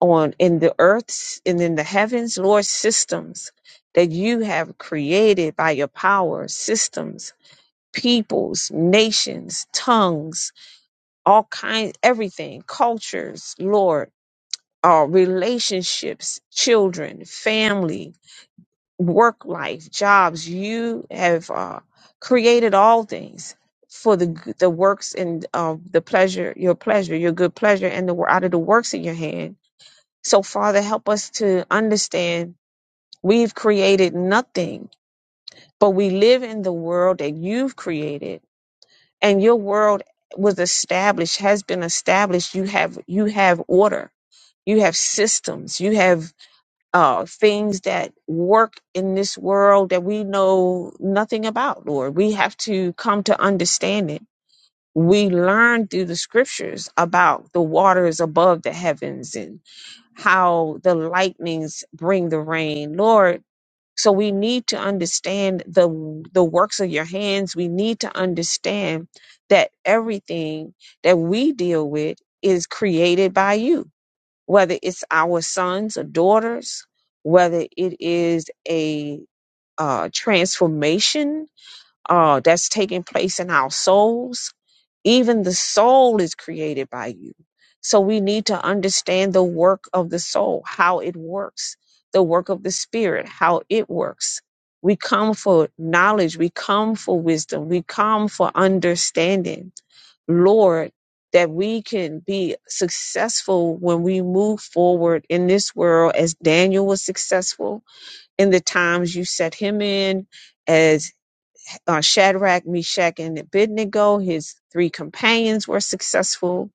on in the earths and in the heavens, Lord, systems that you have created by your power, systems, peoples, nations, tongues, all kinds, everything, cultures, Lord uh, relationships, children, family, work life, jobs. You have uh, created all things for the g- the works and uh, the pleasure, your pleasure, your good pleasure, and the wo- out of the works in your hand. So, Father, help us to understand we've created nothing, but we live in the world that you've created, and your world was established, has been established. You have you have order, you have systems, you have uh, things that work in this world that we know nothing about, Lord. We have to come to understand it. We learn through the scriptures about the waters above the heavens and how the lightnings bring the rain, Lord. So we need to understand the the works of your hands. We need to understand that everything that we deal with is created by you whether it's our sons or daughters, whether it is a uh, transformation uh, that's taking place in our souls, even the soul is created by you. So we need to understand the work of the soul, how it works, the work of the spirit, how it works. We come for knowledge, we come for wisdom, we come for understanding. Lord, that we can be successful when we move forward in this world as Daniel was successful in the times you set him in, uh, Shadrach, Meshach, and Abednego. His three companions were successful.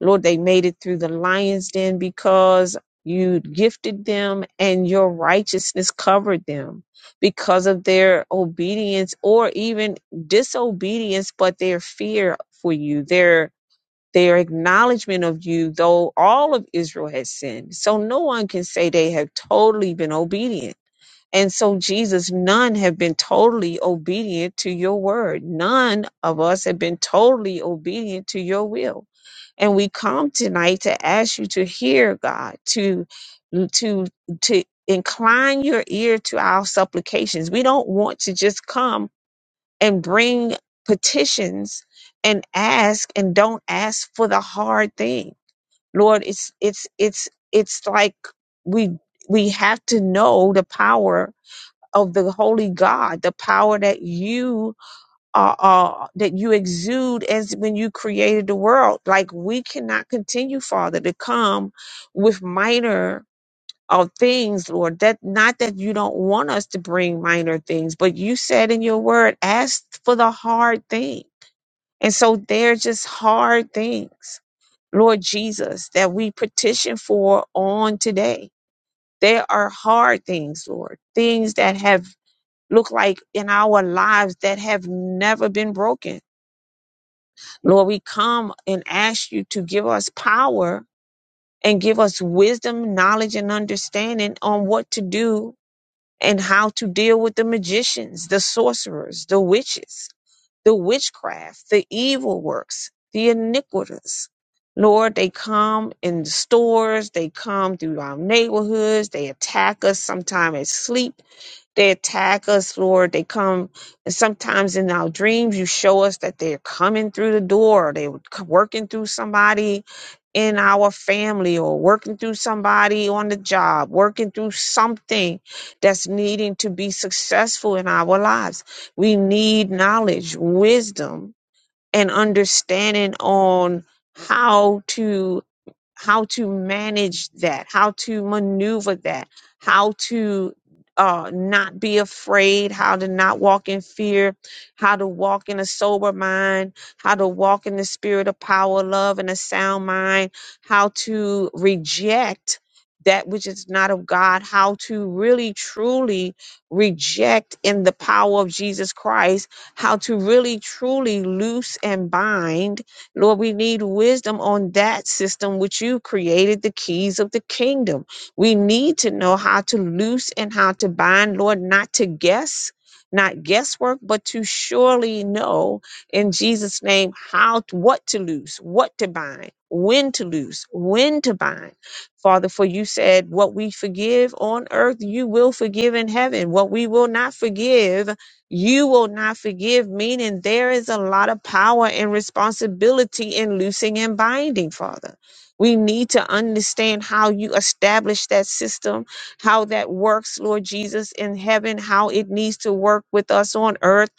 Lord, they made it through the lion's den because you gifted them and your righteousness covered them because of their obedience or even disobedience, but their fear for you, their their acknowledgement of you, though all of Israel has sinned. So no one can say they have totally been obedient and so, Jesus, none have been totally obedient to your word. None of us have been totally obedient to your will. And we come tonight to ask you to hear, God, to to to incline your ear to our supplications. We don't want to just come and bring petitions and ask and don't ask for the hard thing. Lord, it's it's it's it's like we we have to know the power of the holy God, the power that you are, are that you exude as when you created the world. Like we cannot continue, Father, to come with minor of things, Lord. That not that you don't want us to bring minor things, but you said in your word, ask for the hard thing. And so they're just hard things, Lord Jesus, that we petition for on today. There are hard things, Lord, things that have look like in our lives that have never been broken. Lord, we come and ask you to give us power and give us wisdom, knowledge, and understanding on what to do and how to deal with the magicians, the sorcerers, the witches, the witchcraft, the evil works, the iniquitous. Lord, they come in the stores, they come through our neighborhoods, they attack us sometimes at sleep they attack us, Lord. They come, and sometimes in our dreams, you show us that they're coming through the door. They're working through somebody in our family or working through somebody on the job, working through something that's needing to be successful in our lives. We need knowledge, wisdom, and understanding on how to how to manage that, how to maneuver that, how to uh, not be afraid, how to not walk in fear, how to walk in a sober mind, how to walk in the spirit of power, love, and a sound mind, how to reject that which is not of God, how to really truly reject in the power of Jesus Christ, how to really truly loose and bind Lord, we need wisdom on that system which you created the keys of the kingdom. We need to know how to loose and how to bind, Lord, not to guess, not guesswork, but to surely know in Jesus' name how to, what to loose, what to bind, when to loose, when to bind. Father, for you said, What we forgive on earth, you will forgive in heaven. What we will not forgive you will not forgive, meaning there is a lot of power and responsibility in loosing and binding, Father. We need to understand how you establish that system, how that works, Lord Jesus, in heaven, how it needs to work with us on earth.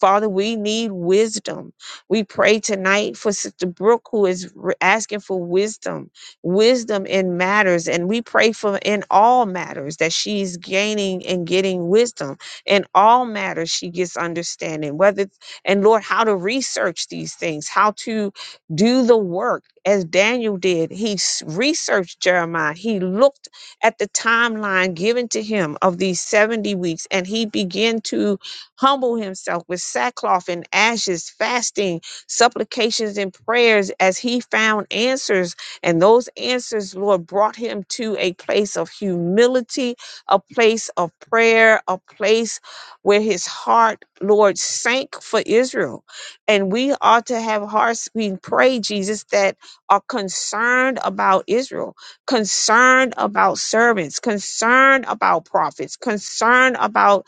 Father, we need wisdom. We pray tonight for Sister Brooke, who is re- asking for wisdom wisdom in matters and we pray for in all matters that she's gaining and getting wisdom in all matters, she gets understanding. Whether it's- and Lord, how to research these things, how to do the work as Daniel did. He s- researched Jeremiah. He looked at the timeline given to him of these 70 weeks, and he began to humble himself with sackcloth and ashes, fasting, supplications, and prayers as he found answers. And those answers, Lord, brought him to a place of humility a place of prayer, a place where his heart, Lord, sank for Israel. And we ought to have hearts, we pray, Jesus, that are concerned about Israel, concerned about servants, concerned about prophets, concerned about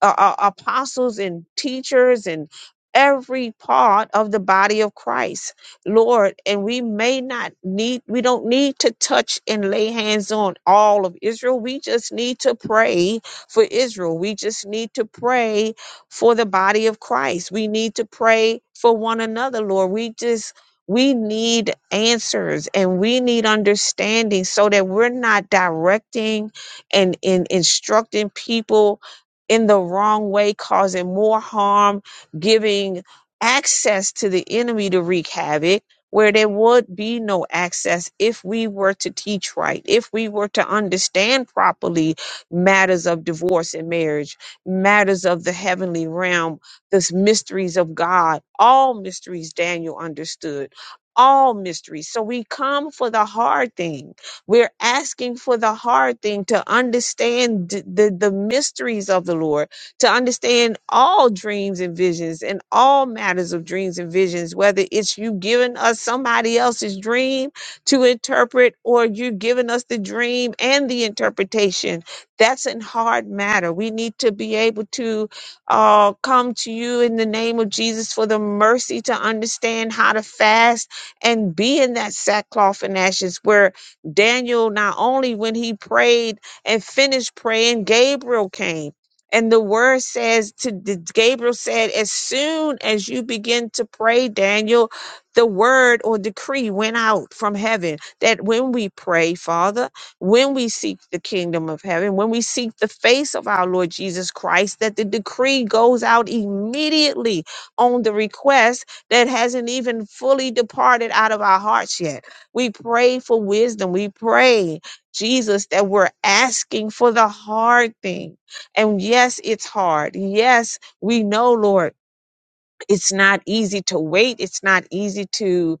uh, uh, apostles and teachers and every part of the body of Christ, Lord. And we may not need, we don't need to touch and lay hands on all of Israel. We just need to pray for Israel. We just need to pray for the body of Christ. We need to pray for one another, Lord. We just, we need answers and we need understanding so that we're not directing and, and instructing people in the wrong way, causing more harm, giving access to the enemy to wreak havoc, where there would be no access if we were to teach right, if we were to understand properly matters of divorce and marriage, matters of the heavenly realm, the mysteries of God, all mysteries Daniel understood, all mysteries. So we come for the hard thing we're asking for the hard thing to understand d- the, the mysteries of the Lord, to understand all dreams and visions and all matters of dreams and visions, whether it's you giving us somebody else's dream to interpret or you giving us the dream and the interpretation. That's a hard matter. We need to be able to uh, come to you in the name of Jesus for the mercy to understand how to fast and be in that sackcloth and ashes where Daniel, not only when he prayed and finished praying, Gabriel came. And the word says to the- Gabriel said, as soon as you begin to pray, Daniel, the word or decree went out from heaven that when we pray, Father, when we seek the kingdom of heaven, when we seek the face of our Lord Jesus Christ, that the decree goes out immediately on the request that hasn't even fully departed out of our hearts yet. We pray for wisdom. We pray, Jesus, that we're asking for the hard thing. And yes, it's hard. Yes, we know, Lord it's not easy to wait it's not easy to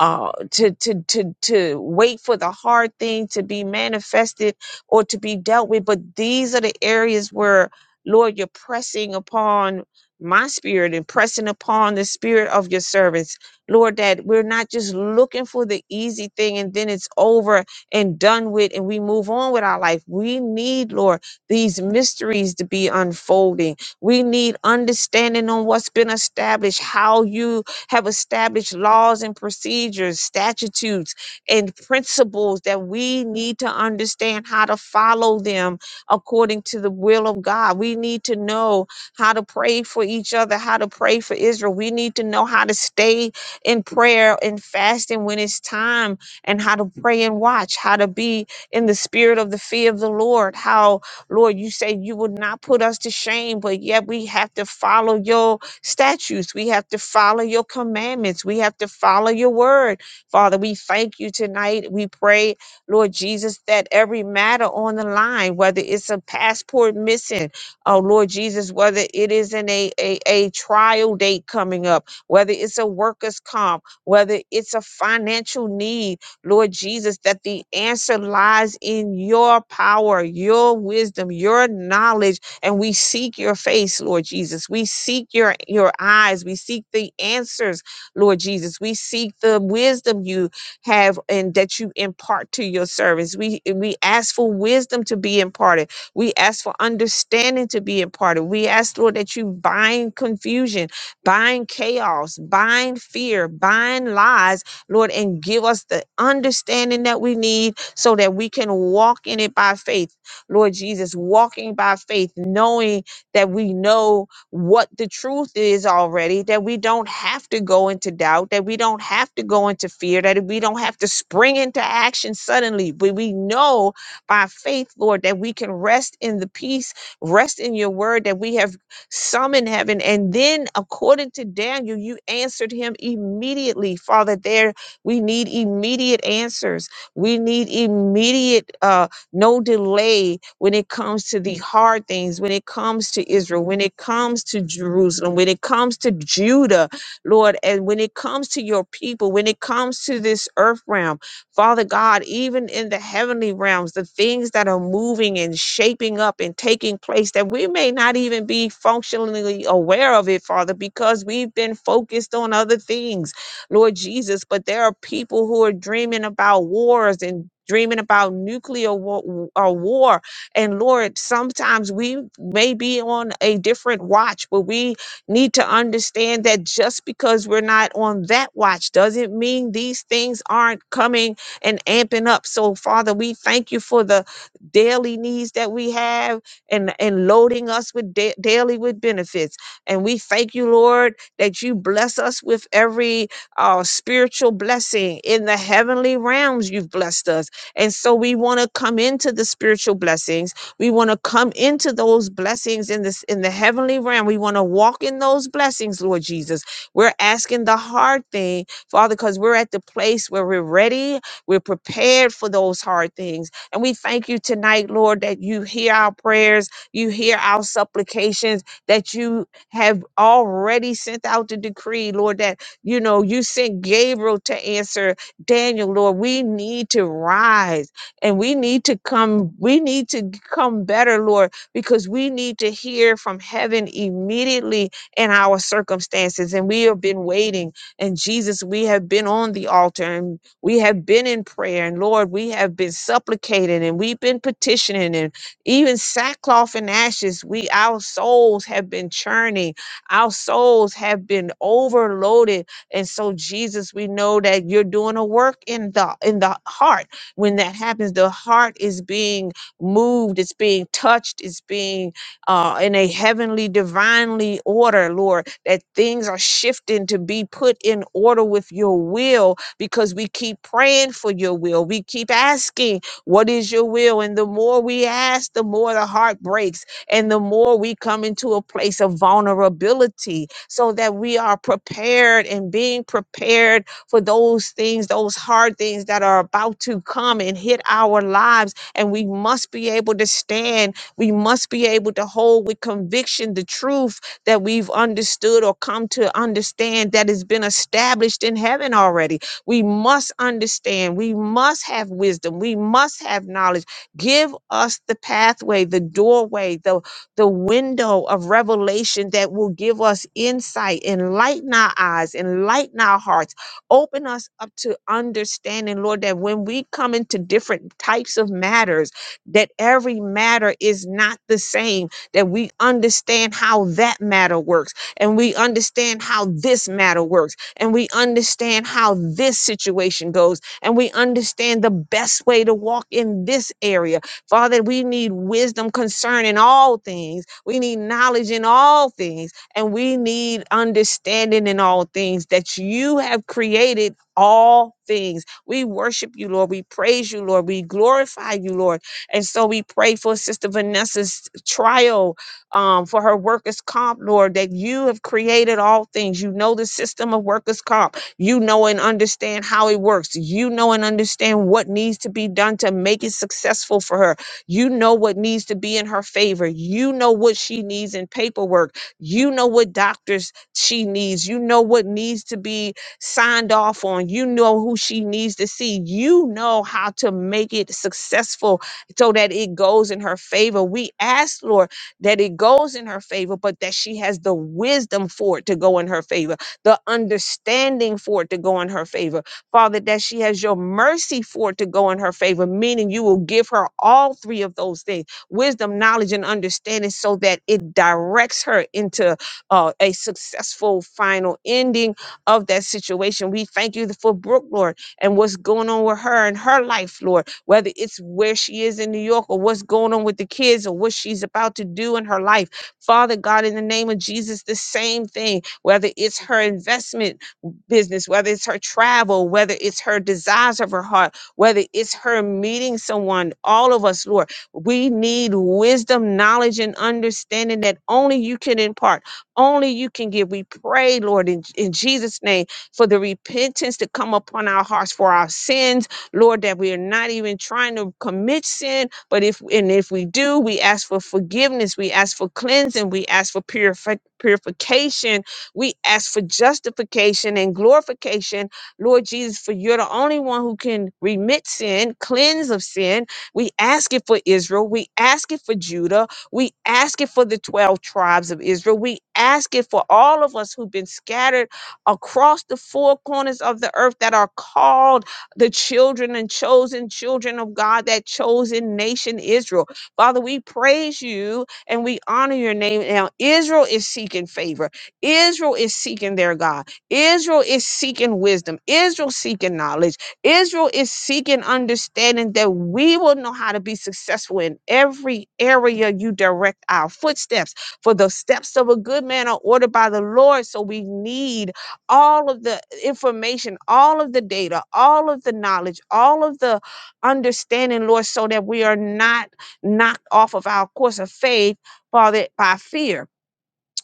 uh to to to to wait for the hard thing to be manifested or to be dealt with but these are the areas where lord you're pressing upon my spirit and pressing upon the spirit of your servants lord that we're not just looking for the easy thing and then it's over and done with and we move on with our life we need lord these mysteries to be unfolding we need understanding on what's been established, how you have established laws and procedures, statutes, and principles that we need to understand how to follow them according to the will of God. We need to know how to pray for each other, how to pray for Israel. We need to know how to stay in prayer and fasting when it's time, and how to pray and watch, how to be in the spirit of the fear of the Lord, how Lord, you say you will not put us to shame, but yet we have to follow your statutes. We have to follow your commandments. We have to follow your word. Father, we thank you tonight. We pray, Lord Jesus, that every matter on the line, whether it's a passport missing, oh Lord Jesus, whether it is in a, a, a trial date coming up, whether it's a workers' comp, whether it's a financial need, Lord Jesus, that the answer lies in your power, your wisdom, your knowledge, and we seek your face, Lord Jesus. We seek your your eyes. We seek the answers, Lord Jesus. We seek the wisdom you have and that you impart to your servants. We we ask for wisdom to be imparted. We ask for understanding to be imparted. We ask, Lord, that you bind confusion, bind chaos, bind fear, bind lies Lord, and give us the understanding that we need so that we can walk in it by faith. Lord Jesus, walking by faith, knowing that we know what the truth is already, that we don't have to go into doubt, that we don't have to go into fear, that we don't have to spring into action suddenly. But we know by faith, Lord, that we can rest in the peace, rest in your word that we have summoned heaven. And then, according to Daniel, you answered him immediately, Father. There we need immediate answers. We need immediate, uh, no delay when it comes to the hard things, when it comes to Israel, when it comes to Jerusalem, when it comes to Judah, Lord, and when it comes to your people, when it comes to this earth realm, Father God, even in the heavenly realms, the things that are moving and shaping up and taking place that we may not even be functionally aware of it, Father, because we've been focused on other things. Lord Jesus. But there are people who are dreaming about wars and dreaming about nuclear war, uh, war. And Lord, sometimes we may be on a different watch, but we need to understand that just because we're not on that watch doesn't mean these things aren't coming and amping up. So, Father, we thank you for the daily needs that we have and, and loading us with da- daily with benefits. And we thank you, Lord, that you bless us with every uh, spiritual blessing in the heavenly realms. You've blessed us. And so we want to come into the spiritual blessings. We want to come into those blessings in this in the heavenly realm. We want to walk in those blessings, Lord Jesus. We're asking the hard thing, Father, because we're at the place where we're ready, we're prepared for those hard things. And we thank you tonight, Lord, that you hear our prayers, you hear our supplications, that you have already sent out the decree, Lord, that you know, you sent Gabriel to answer Daniel, Lord. We need to rise and we need to come, we need to come better, Lord, because we need to hear from heaven immediately in our circumstances. And we have been waiting. And Jesus, we have been on the altar and we have been in prayer. And Lord, we have been supplicating and we've been petitioning and even sackcloth and ashes. We our souls have been churning. Our souls have been overloaded and so, Jesus, we know that you're doing a work in the in the heart. When that happens, the heart is being moved, it's being touched, it's being uh, in a heavenly, divinely order, Lord. That things are shifting to be put in order with your will, because we keep praying for your will. We keep asking, "What is your will?" And the more we ask, the more the heart breaks and the more we come into a place of vulnerability so that we are prepared and being prepared for those things, those hard things that are about to come and hit our lives. And we must be able to stand. We must be able to hold with conviction the truth that we've understood or come to understand that has been established in heaven already. We must understand. We must have wisdom. We must have knowledge Give us the pathway, the doorway, the, the window of revelation that will give us insight, enlighten our eyes, enlighten our hearts, open us up to understanding, Lord, that when we come into different types of matters, that every matter is not the same, that we understand how that matter works, and we understand how this matter works, and we understand how this situation goes and we understand the best way to walk in this area. Father, we need wisdom concerning all things. We need knowledge in all things, and we need understanding in all things that you have created all things. We worship you, Lord. We praise you, Lord. We glorify you, Lord. And so we pray for Sister Vanessa's trial um, for her workers' comp, Lord, that you have created all things. You know the system of workers' comp you know and understand how it works. You know and understand what needs to be done to make it successful for her. You know what needs to be in her favor. You know what she needs in paperwork. You know what doctors she needs. You know what needs to be signed off on. You know who she needs to see. You know how to make it successful so that it goes in her favor. We ask, Lord, that it goes in her favor, but that she has the wisdom for it to go in her favor the understanding for it to go in her favor. Father, that she has your mercy for it to go in her favor, meaning you will give her all three of those things wisdom, knowledge, and understanding so that it directs her into uh, a successful final ending of that situation. We thank you for Brooke, Lord, and what's going on with her and her life, Lord, whether it's where she is in New York or what's going on with the kids or what she's about to do in her life. Father God, in the name of Jesus, the same thing whether it's her investment business, whether it's her travel, whether it's her desires of her heart, whether it's her meeting someone, all of us, Lord, we need wisdom, knowledge, and understanding that only you can impart, only you can give. We pray, Lord, in, in Jesus' name, for the repentance to come upon our hearts for our sins, Lord, that we are not even trying to commit sin, but if and if we do, we ask for forgiveness, we ask for cleansing, we ask for purifi- purification we ask for justification and glorification, Lord Jesus, for you're the only one who can remit sin, cleanse of sin. We ask it for Israel. We ask it for Judah. We ask it for the 12 tribes of Israel. We ask it for all of us who've been scattered across the four corners of the earth that are called the children and chosen children of God, that chosen nation Israel. Father, we praise you and we honor your name. Now, Israel is seeking favor. Israel is seeking their God. Israel is seeking wisdom. Israel seeking knowledge. Israel is seeking understanding that we will know how to be successful in every area you direct our footsteps. For the steps of a good man are ordered by the Lord. So we need all of the information, all of the data, all of the knowledge, all of the understanding, Lord, so that we are not knocked off of our course of faith, Father, by fear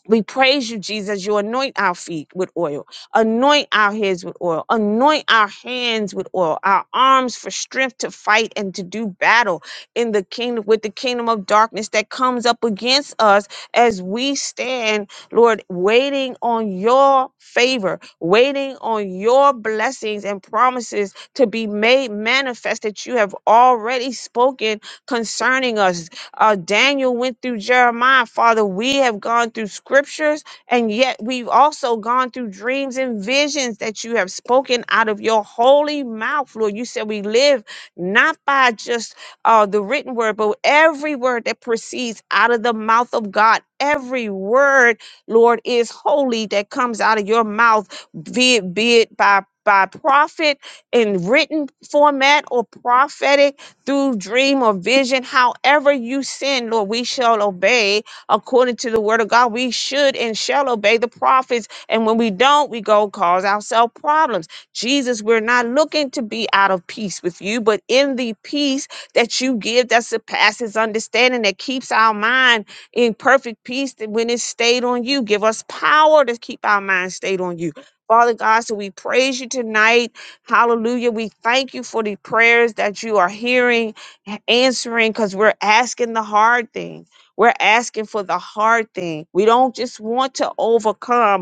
we praise you, Jesus. You anoint our feet with oil, anoint our heads with oil, anoint our hands with oil, our arms for strength to fight and to do battle in the kingdom with the kingdom of darkness that comes up against us as we stand, Lord, waiting on your favor, waiting on your blessings and promises to be made manifest that you have already spoken concerning us uh, Daniel went through Jeremiah. Father, we have gone through scriptures and yet we've also gone through dreams and visions that you have spoken out of your holy mouth, Lord. You said we live not by just uh, the written word, but every word that proceeds out of the mouth of God. Every word, Lord, is holy that comes out of your mouth, be it, be it by by prophet in written format or prophetic through dream or vision, however you send, Lord, we shall obey according to the word of God. We should and shall obey the prophets. And when we don't, we go cause ourselves problems. Jesus, we're not looking to be out of peace with you, but in the peace that you give that surpasses understanding, that keeps our mind in perfect peace that when it's stayed on you. Give us power to keep our mind stayed on you. Father God, so we praise you tonight. Hallelujah. We thank you for the prayers that you are hearing, answering, because we're asking the hard thing. We're asking for the hard thing. We don't just want to overcome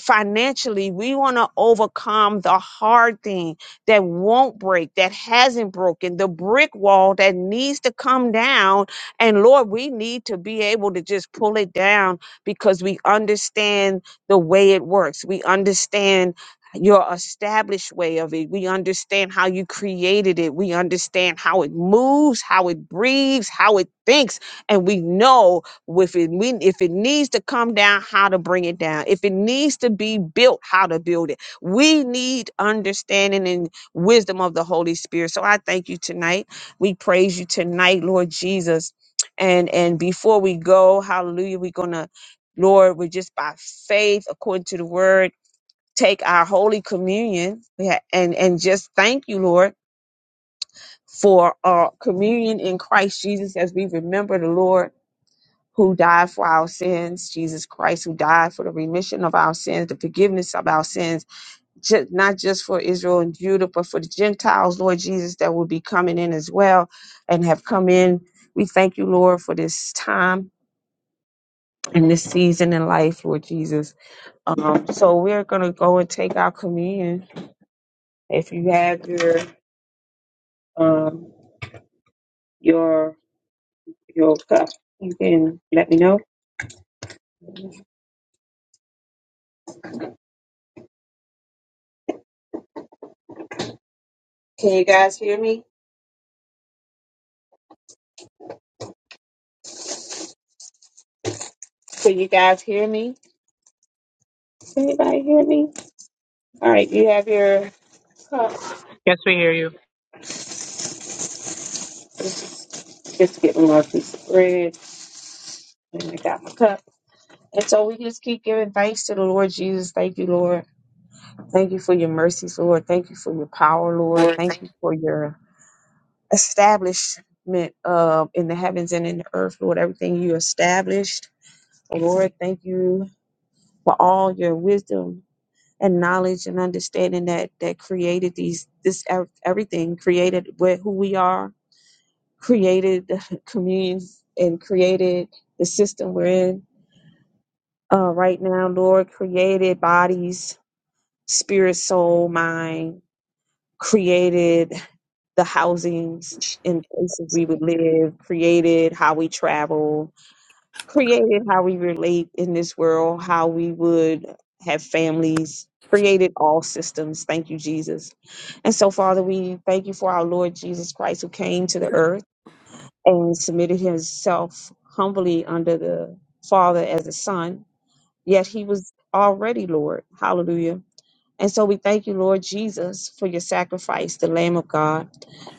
financially we want to overcome the hard thing that won't break that hasn't broken the brick wall that needs to come down and lord we need to be able to just pull it down because we understand the way it works we understand your established way of it. We understand how you created it. We understand how it moves, how it breathes, how it thinks. And we know with it we, if it needs to come down how to bring it down if it needs to be built how to build it we need understanding and wisdom of the holy spirit so i thank you tonight we praise you tonight lord jesus and and before we go hallelujah we're gonna lord we're just by faith according to the word take our holy communion yeah, and and just thank you lord for our communion in christ jesus as we remember the lord who died for our sins, Jesus Christ, who died for the remission of our sins, the forgiveness of our sins, ju- not just for Israel and Judah, but for the Gentiles, Lord Jesus, that will be coming in as well and have come in. We thank you, Lord, for this time and this season in life, Lord Jesus. Um, so we're going to go and take our communion. If you have your um, your your cup, you can let me know. Can you guys hear me? Can you guys hear me? Can anybody hear me? All right, you have your cup.
Yes, we hear you.
Just just getting one piece of bread. And I got my cup. And so we just keep giving thanks to the Lord Jesus. Thank you, Lord. Thank you for your mercies, Lord. Thank you for your power, Lord.
Lord,
Thank
thank
you for your establishment uh, in the heavens and in the earth, Lord. Everything you established, Lord. Thank you for all your wisdom and knowledge and understanding that that created these this ev- everything created what who we are created the (laughs) communions and created the system we're in uh, right now. Lord, created bodies, spirit, soul, mind, created the housings and places we would live, created how we travel, created how we relate in this world, how we would have families. Created all systems. Thank you, Jesus. And so, Father, we thank you for our Lord Jesus Christ who came to the earth and submitted himself humbly under the Father as a son, yet he was already Lord. Hallelujah. And so we thank you, Lord Jesus, for your sacrifice, the Lamb of God.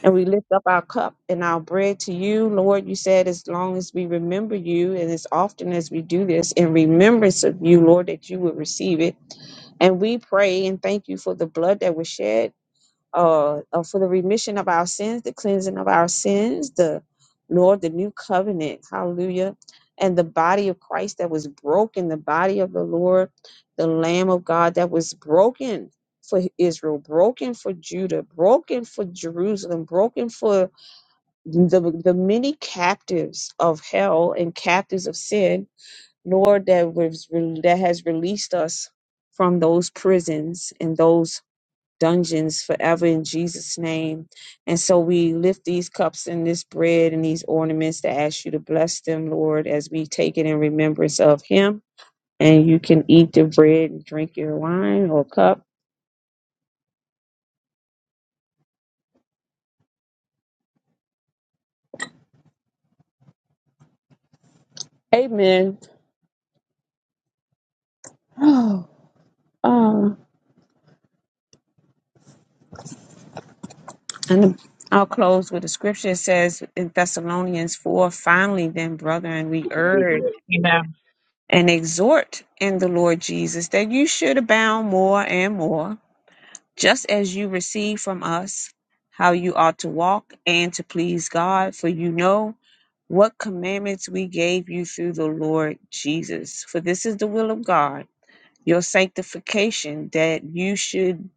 And we lift up our cup and our bread to you, Lord. You said, as long as we remember you, and as often as we do this in remembrance of you, Lord, that you will receive it. And we pray and thank you for the blood that was shed uh, uh, for the remission of our sins, the cleansing of our sins, the Lord, the new covenant, hallelujah, and the body of Christ that was broken, the body of the Lord, the Lamb of God that was broken for Israel, broken for Judah, broken for Jerusalem, broken for the, the many captives of hell and captives of sin, Lord, that was that has released us from those prisons and those dungeons forever in Jesus' name. And so we lift these cups and this bread and these ornaments to ask you to bless them, Lord, as we take it in remembrance of Him. And you can eat the bread and drink your wine or cup. Amen. Oh, um, and I'll close with a scripture. It says in Thessalonians 4 Finally, then, brethren, we urge
Amen.
and exhort in the Lord Jesus that you should abound more and more just as you receive from us how you ought to walk and to please God, for you know what commandments we gave you through the Lord Jesus. For this is the will of God, your sanctification, that you should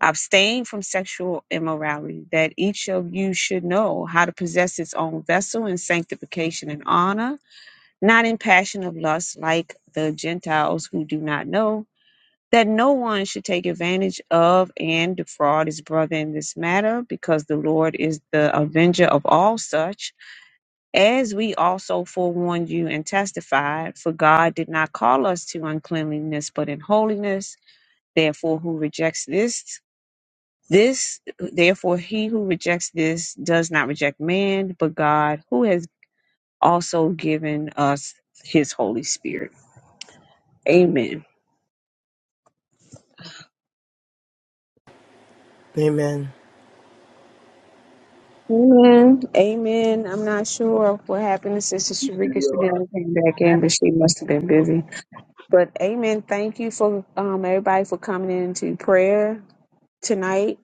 abstain from sexual immorality, that each of you should know how to possess its own vessel in sanctification and honor, not in passion of lust like the Gentiles who do not know that no one should take advantage of and defraud his brother in this matter, because the Lord is the avenger of all such, as we also forewarned you and testified. For God did not call us to uncleanliness, but in holiness. Therefore, who rejects this? This, therefore, he who rejects this does not reject man, but God, who has also given us his Holy Spirit. Amen.
you. Amen.
Amen. Amen. I'm not sure what happened to Sister Sharika. She never came back in, but she must have been busy. But amen. Thank you for um, everybody for coming into prayer tonight.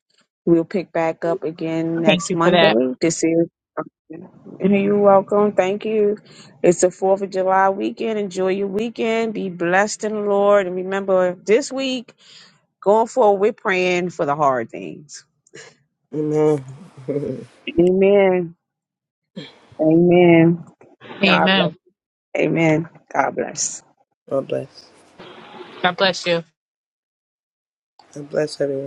We'll pick back up again
Thank
next
you for
Monday.
that.
This is you're welcome. Thank you. It's the Fourth of July weekend. Enjoy your weekend. Be blessed in the Lord. And remember, this week going forward, we're praying for the hard things.
Amen. (laughs)
Amen. Amen. God bless.
Amen.
Amen. God bless.
God bless.
God bless you.
God bless everyone.